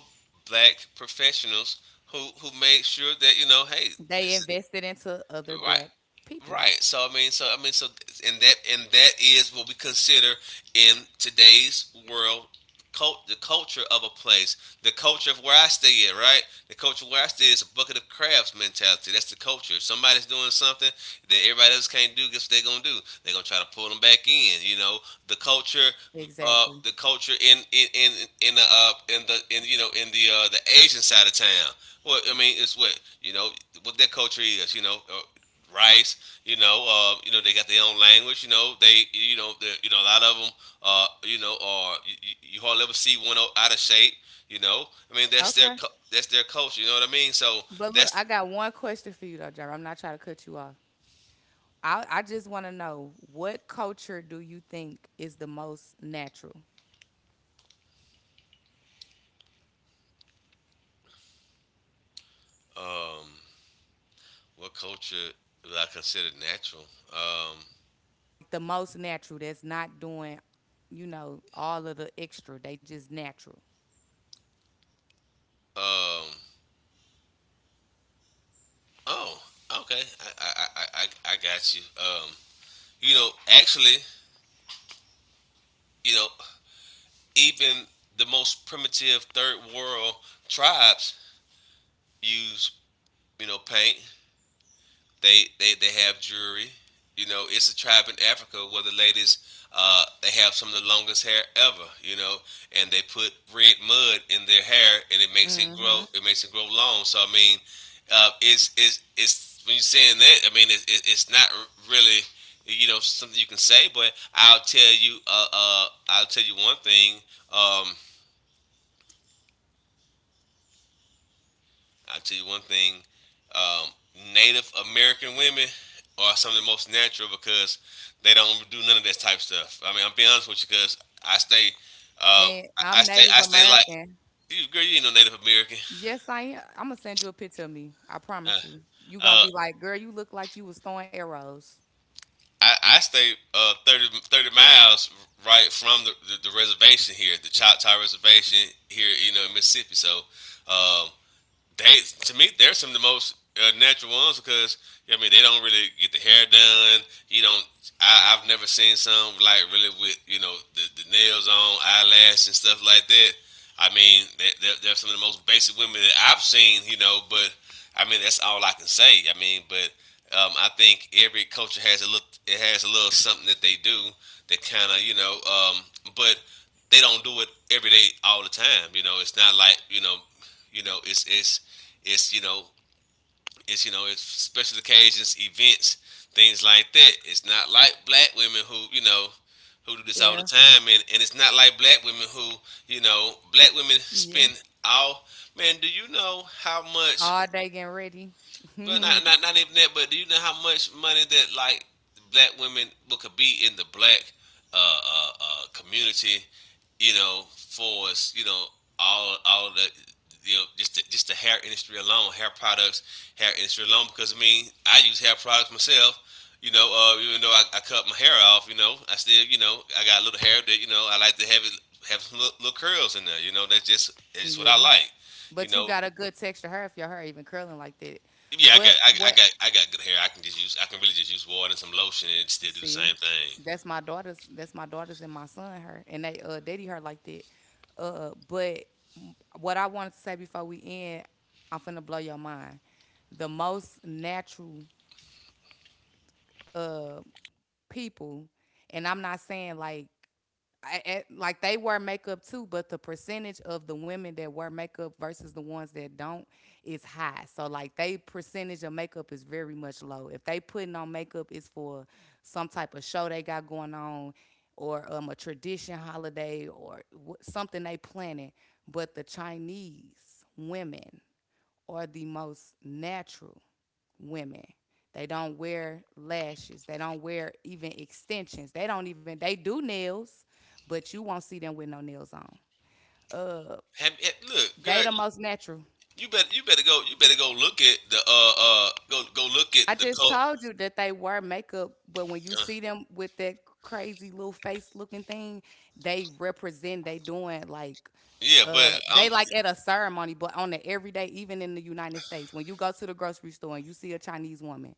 Speaker 2: black professionals who made sure that you know, hey, this
Speaker 1: They
Speaker 2: is
Speaker 1: invested into other
Speaker 2: right.
Speaker 1: black people.
Speaker 2: Right. So I mean, and that is what we consider in today's world, the culture of a place, the culture of where I stay at. Right. The culture where I stay is a bucket of crabs mentality. That's the culture. If somebody's doing something that everybody else can't do, guess what they're gonna do? They're gonna try to pull them back in. You know, the culture, uh,
Speaker 1: Exactly.
Speaker 2: the culture in in in in the in the in the Asian side of town. Well, I mean, it's what what their culture is. Rice, they got their own language. You know, they, you know, the, you know A lot of them, you know, are you hardly ever see out of shape. You know, I mean,
Speaker 1: Okay.
Speaker 2: that's their culture. You know what I mean? So
Speaker 1: But look,
Speaker 2: that's
Speaker 1: I got one question for you though, Jerry. I'm not trying to cut you off. I just want to know what culture do you think is the most natural?
Speaker 2: um, what culture would I consider natural? Um,
Speaker 1: Like the most natural that's not doing, you know, all of the extra. They just natural.
Speaker 2: um, oh, okay, I got you. You know, Actually, you know, even the most primitive third world tribes use paint. They have jewelry. It's a tribe in Africa where the ladies they have some of the longest hair ever. And they put red mud in their hair, and it makes it
Speaker 1: Mm hmm
Speaker 2: grow. It makes it grow long. So I mean, it's when you're saying that. I mean, it's not really, something you can say, but I'll tell you. I'll tell you one thing. Um, I'll tell you one thing um, Native American women are some of the most natural because they don't do none of that type stuff. I mean, I'm being honest with you because I stay,
Speaker 1: And I'm Native
Speaker 2: I stay like,
Speaker 1: American.
Speaker 2: you, girl, you ain't no Native American.
Speaker 1: Yes, I am. I'm gonna send you a picture of me. I
Speaker 2: Uh,
Speaker 1: promise you. You gonna
Speaker 2: uh,
Speaker 1: be like, girl, you look like you was throwing arrows.
Speaker 2: I stay, thirty miles right from the reservation here, the Choctaw Reservation here, in Mississippi. So um, they to me they're some of the most, natural ones because I mean they don't really get the hair done. You don't. I've never seen some like really with, the nails on, eyelash and stuff like that. I mean, they're some of the most basic women that I've seen. But I mean, that's all I can say. I mean, but I think every culture has a little something that they do that kind of, but they don't do it every day all the time. It's not like, you know, it's it's it's it's special occasions, events, things like that. It's not like black women who, who do this all the
Speaker 1: Yeah,
Speaker 2: time, and it's not like black women who, black women
Speaker 1: yeah.
Speaker 2: spend all. Man, do you know how much —
Speaker 1: All day getting ready.
Speaker 2: well, not, not not even that, but do you know how much money that, like, black women, what could be in the black, community? You know, for us, all of the, just the, just the hair industry alone, hair products, hair industry alone. Because I mean, I use hair products myself. Even though I cut my hair off, I still, I got a little hair that, I like to have it, have some little curls in there. That's just what I
Speaker 1: Yeah.
Speaker 2: like. You
Speaker 1: But you
Speaker 2: know,
Speaker 1: got a good texture hair if your hair even curling like that.
Speaker 2: yeah,
Speaker 1: But what
Speaker 2: I got good hair. I can really just use water and some lotion and still do the
Speaker 1: see,
Speaker 2: same thing.
Speaker 1: that's my daughter's and my son her and they daddy her like that. But what I wanted to say before we end, I'm finna blow your mind. The most natural uh people, and I'm not saying like like they wear makeup too, but the percentage of the women that wear makeup versus the ones that don't is high. So like they percentage of makeup is very much low. If they putting on makeup, it's for some type of show they got going on, or a tradition holiday, or something they planning. But the Chinese women are the most natural women. They don't wear lashes. They don't wear even extensions. They don't even they do nails, but you won't see them with no nails on. Uh,
Speaker 2: Look, girl,
Speaker 1: they the most natural.
Speaker 2: you better go look at the go go look at
Speaker 1: I
Speaker 2: the
Speaker 1: just
Speaker 2: coat.
Speaker 1: told you that they wear makeup, but when you
Speaker 2: Uh,
Speaker 1: see them with that crazy little face looking thing, they represent they doing like
Speaker 2: yeah, but I'm
Speaker 1: they like at a ceremony, but on the everyday, even in the United States, when you go to the grocery store and you see a Chinese woman,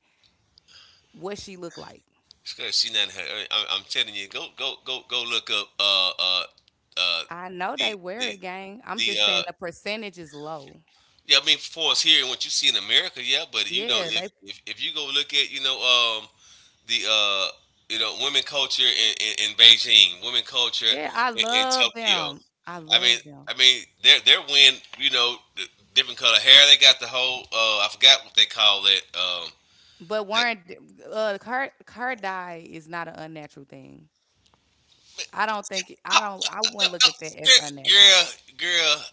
Speaker 1: what she look like?
Speaker 2: she's not her. I'm telling you, go look up uh
Speaker 1: I know they
Speaker 2: the
Speaker 1: wear
Speaker 2: the
Speaker 1: it, gang. I'm
Speaker 2: the
Speaker 1: just saying the percentage is low.
Speaker 2: Yeah, I mean, for us here and what you see in America, yeah. But
Speaker 1: Yeah,
Speaker 2: if
Speaker 1: they.
Speaker 2: if, if you go look at, you know the you know women culture in Beijing, women culture
Speaker 1: Yeah, I
Speaker 2: in
Speaker 1: love
Speaker 2: Tokyo.
Speaker 1: them. I
Speaker 2: I mean,
Speaker 1: love
Speaker 2: I
Speaker 1: them.
Speaker 2: mean, they're wearing, the different color hair. They got the whole, I forgot what they call it.
Speaker 1: But
Speaker 2: That,
Speaker 1: wearing d- Her her dye is not an unnatural thing. I don't think I don't. I wouldn't look at that as unnatural.
Speaker 2: Girl, girl.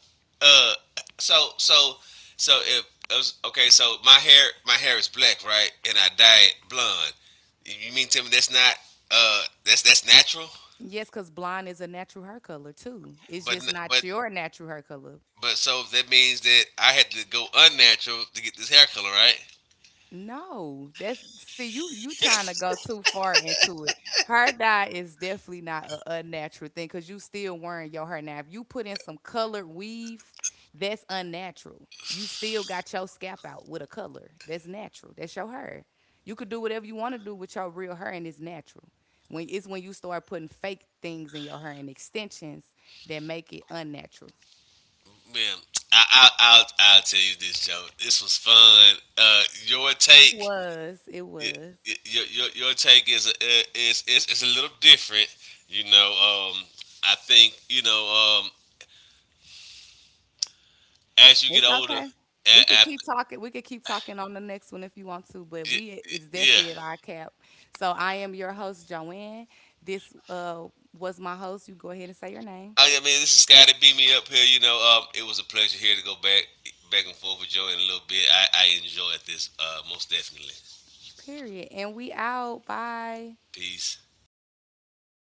Speaker 2: Uh, so, so, so if I was- okay, so my hair is black, right? And I dye it blonde. You mean to me that's not, that's natural?
Speaker 1: Yes, because blonde is a natural hair color too. It's
Speaker 2: But n-
Speaker 1: just
Speaker 2: but
Speaker 1: not your natural hair color.
Speaker 2: but so that means that I had to go unnatural to get this hair color, right?
Speaker 1: No, that's see you trying to go too far into it. Hair dye is definitely not a unnatural thing because you still wearing your hair now. If you put in some colored weave, that's unnatural. You still got your scalp out with a color. That's natural. That's your hair. You could do whatever you want to do with your real hair, and it's natural. When it's when you start putting fake things in your hair and extensions that make it unnatural.
Speaker 2: Man, I'll tell you this, Joe. This was fun. Your
Speaker 1: It
Speaker 2: take,
Speaker 1: was. It
Speaker 2: y-
Speaker 1: was.
Speaker 2: your take is a little different. You know, um, I think, as you get
Speaker 1: It's
Speaker 2: older,
Speaker 1: okay.
Speaker 2: a- af-
Speaker 1: We could keep talking on the next one if you want to, but
Speaker 2: y
Speaker 1: we it's
Speaker 2: yeah.
Speaker 1: definitely at our cap. So I am your host, Joanne. This was my host. You go ahead and say your name.
Speaker 2: Oh yeah, man, this is Scotty. Beat me up here. It was a pleasure here to go back and forth with Joe in a little bit. I enjoyed this, most definitely.
Speaker 1: Period. And we out. Bye.
Speaker 2: Peace.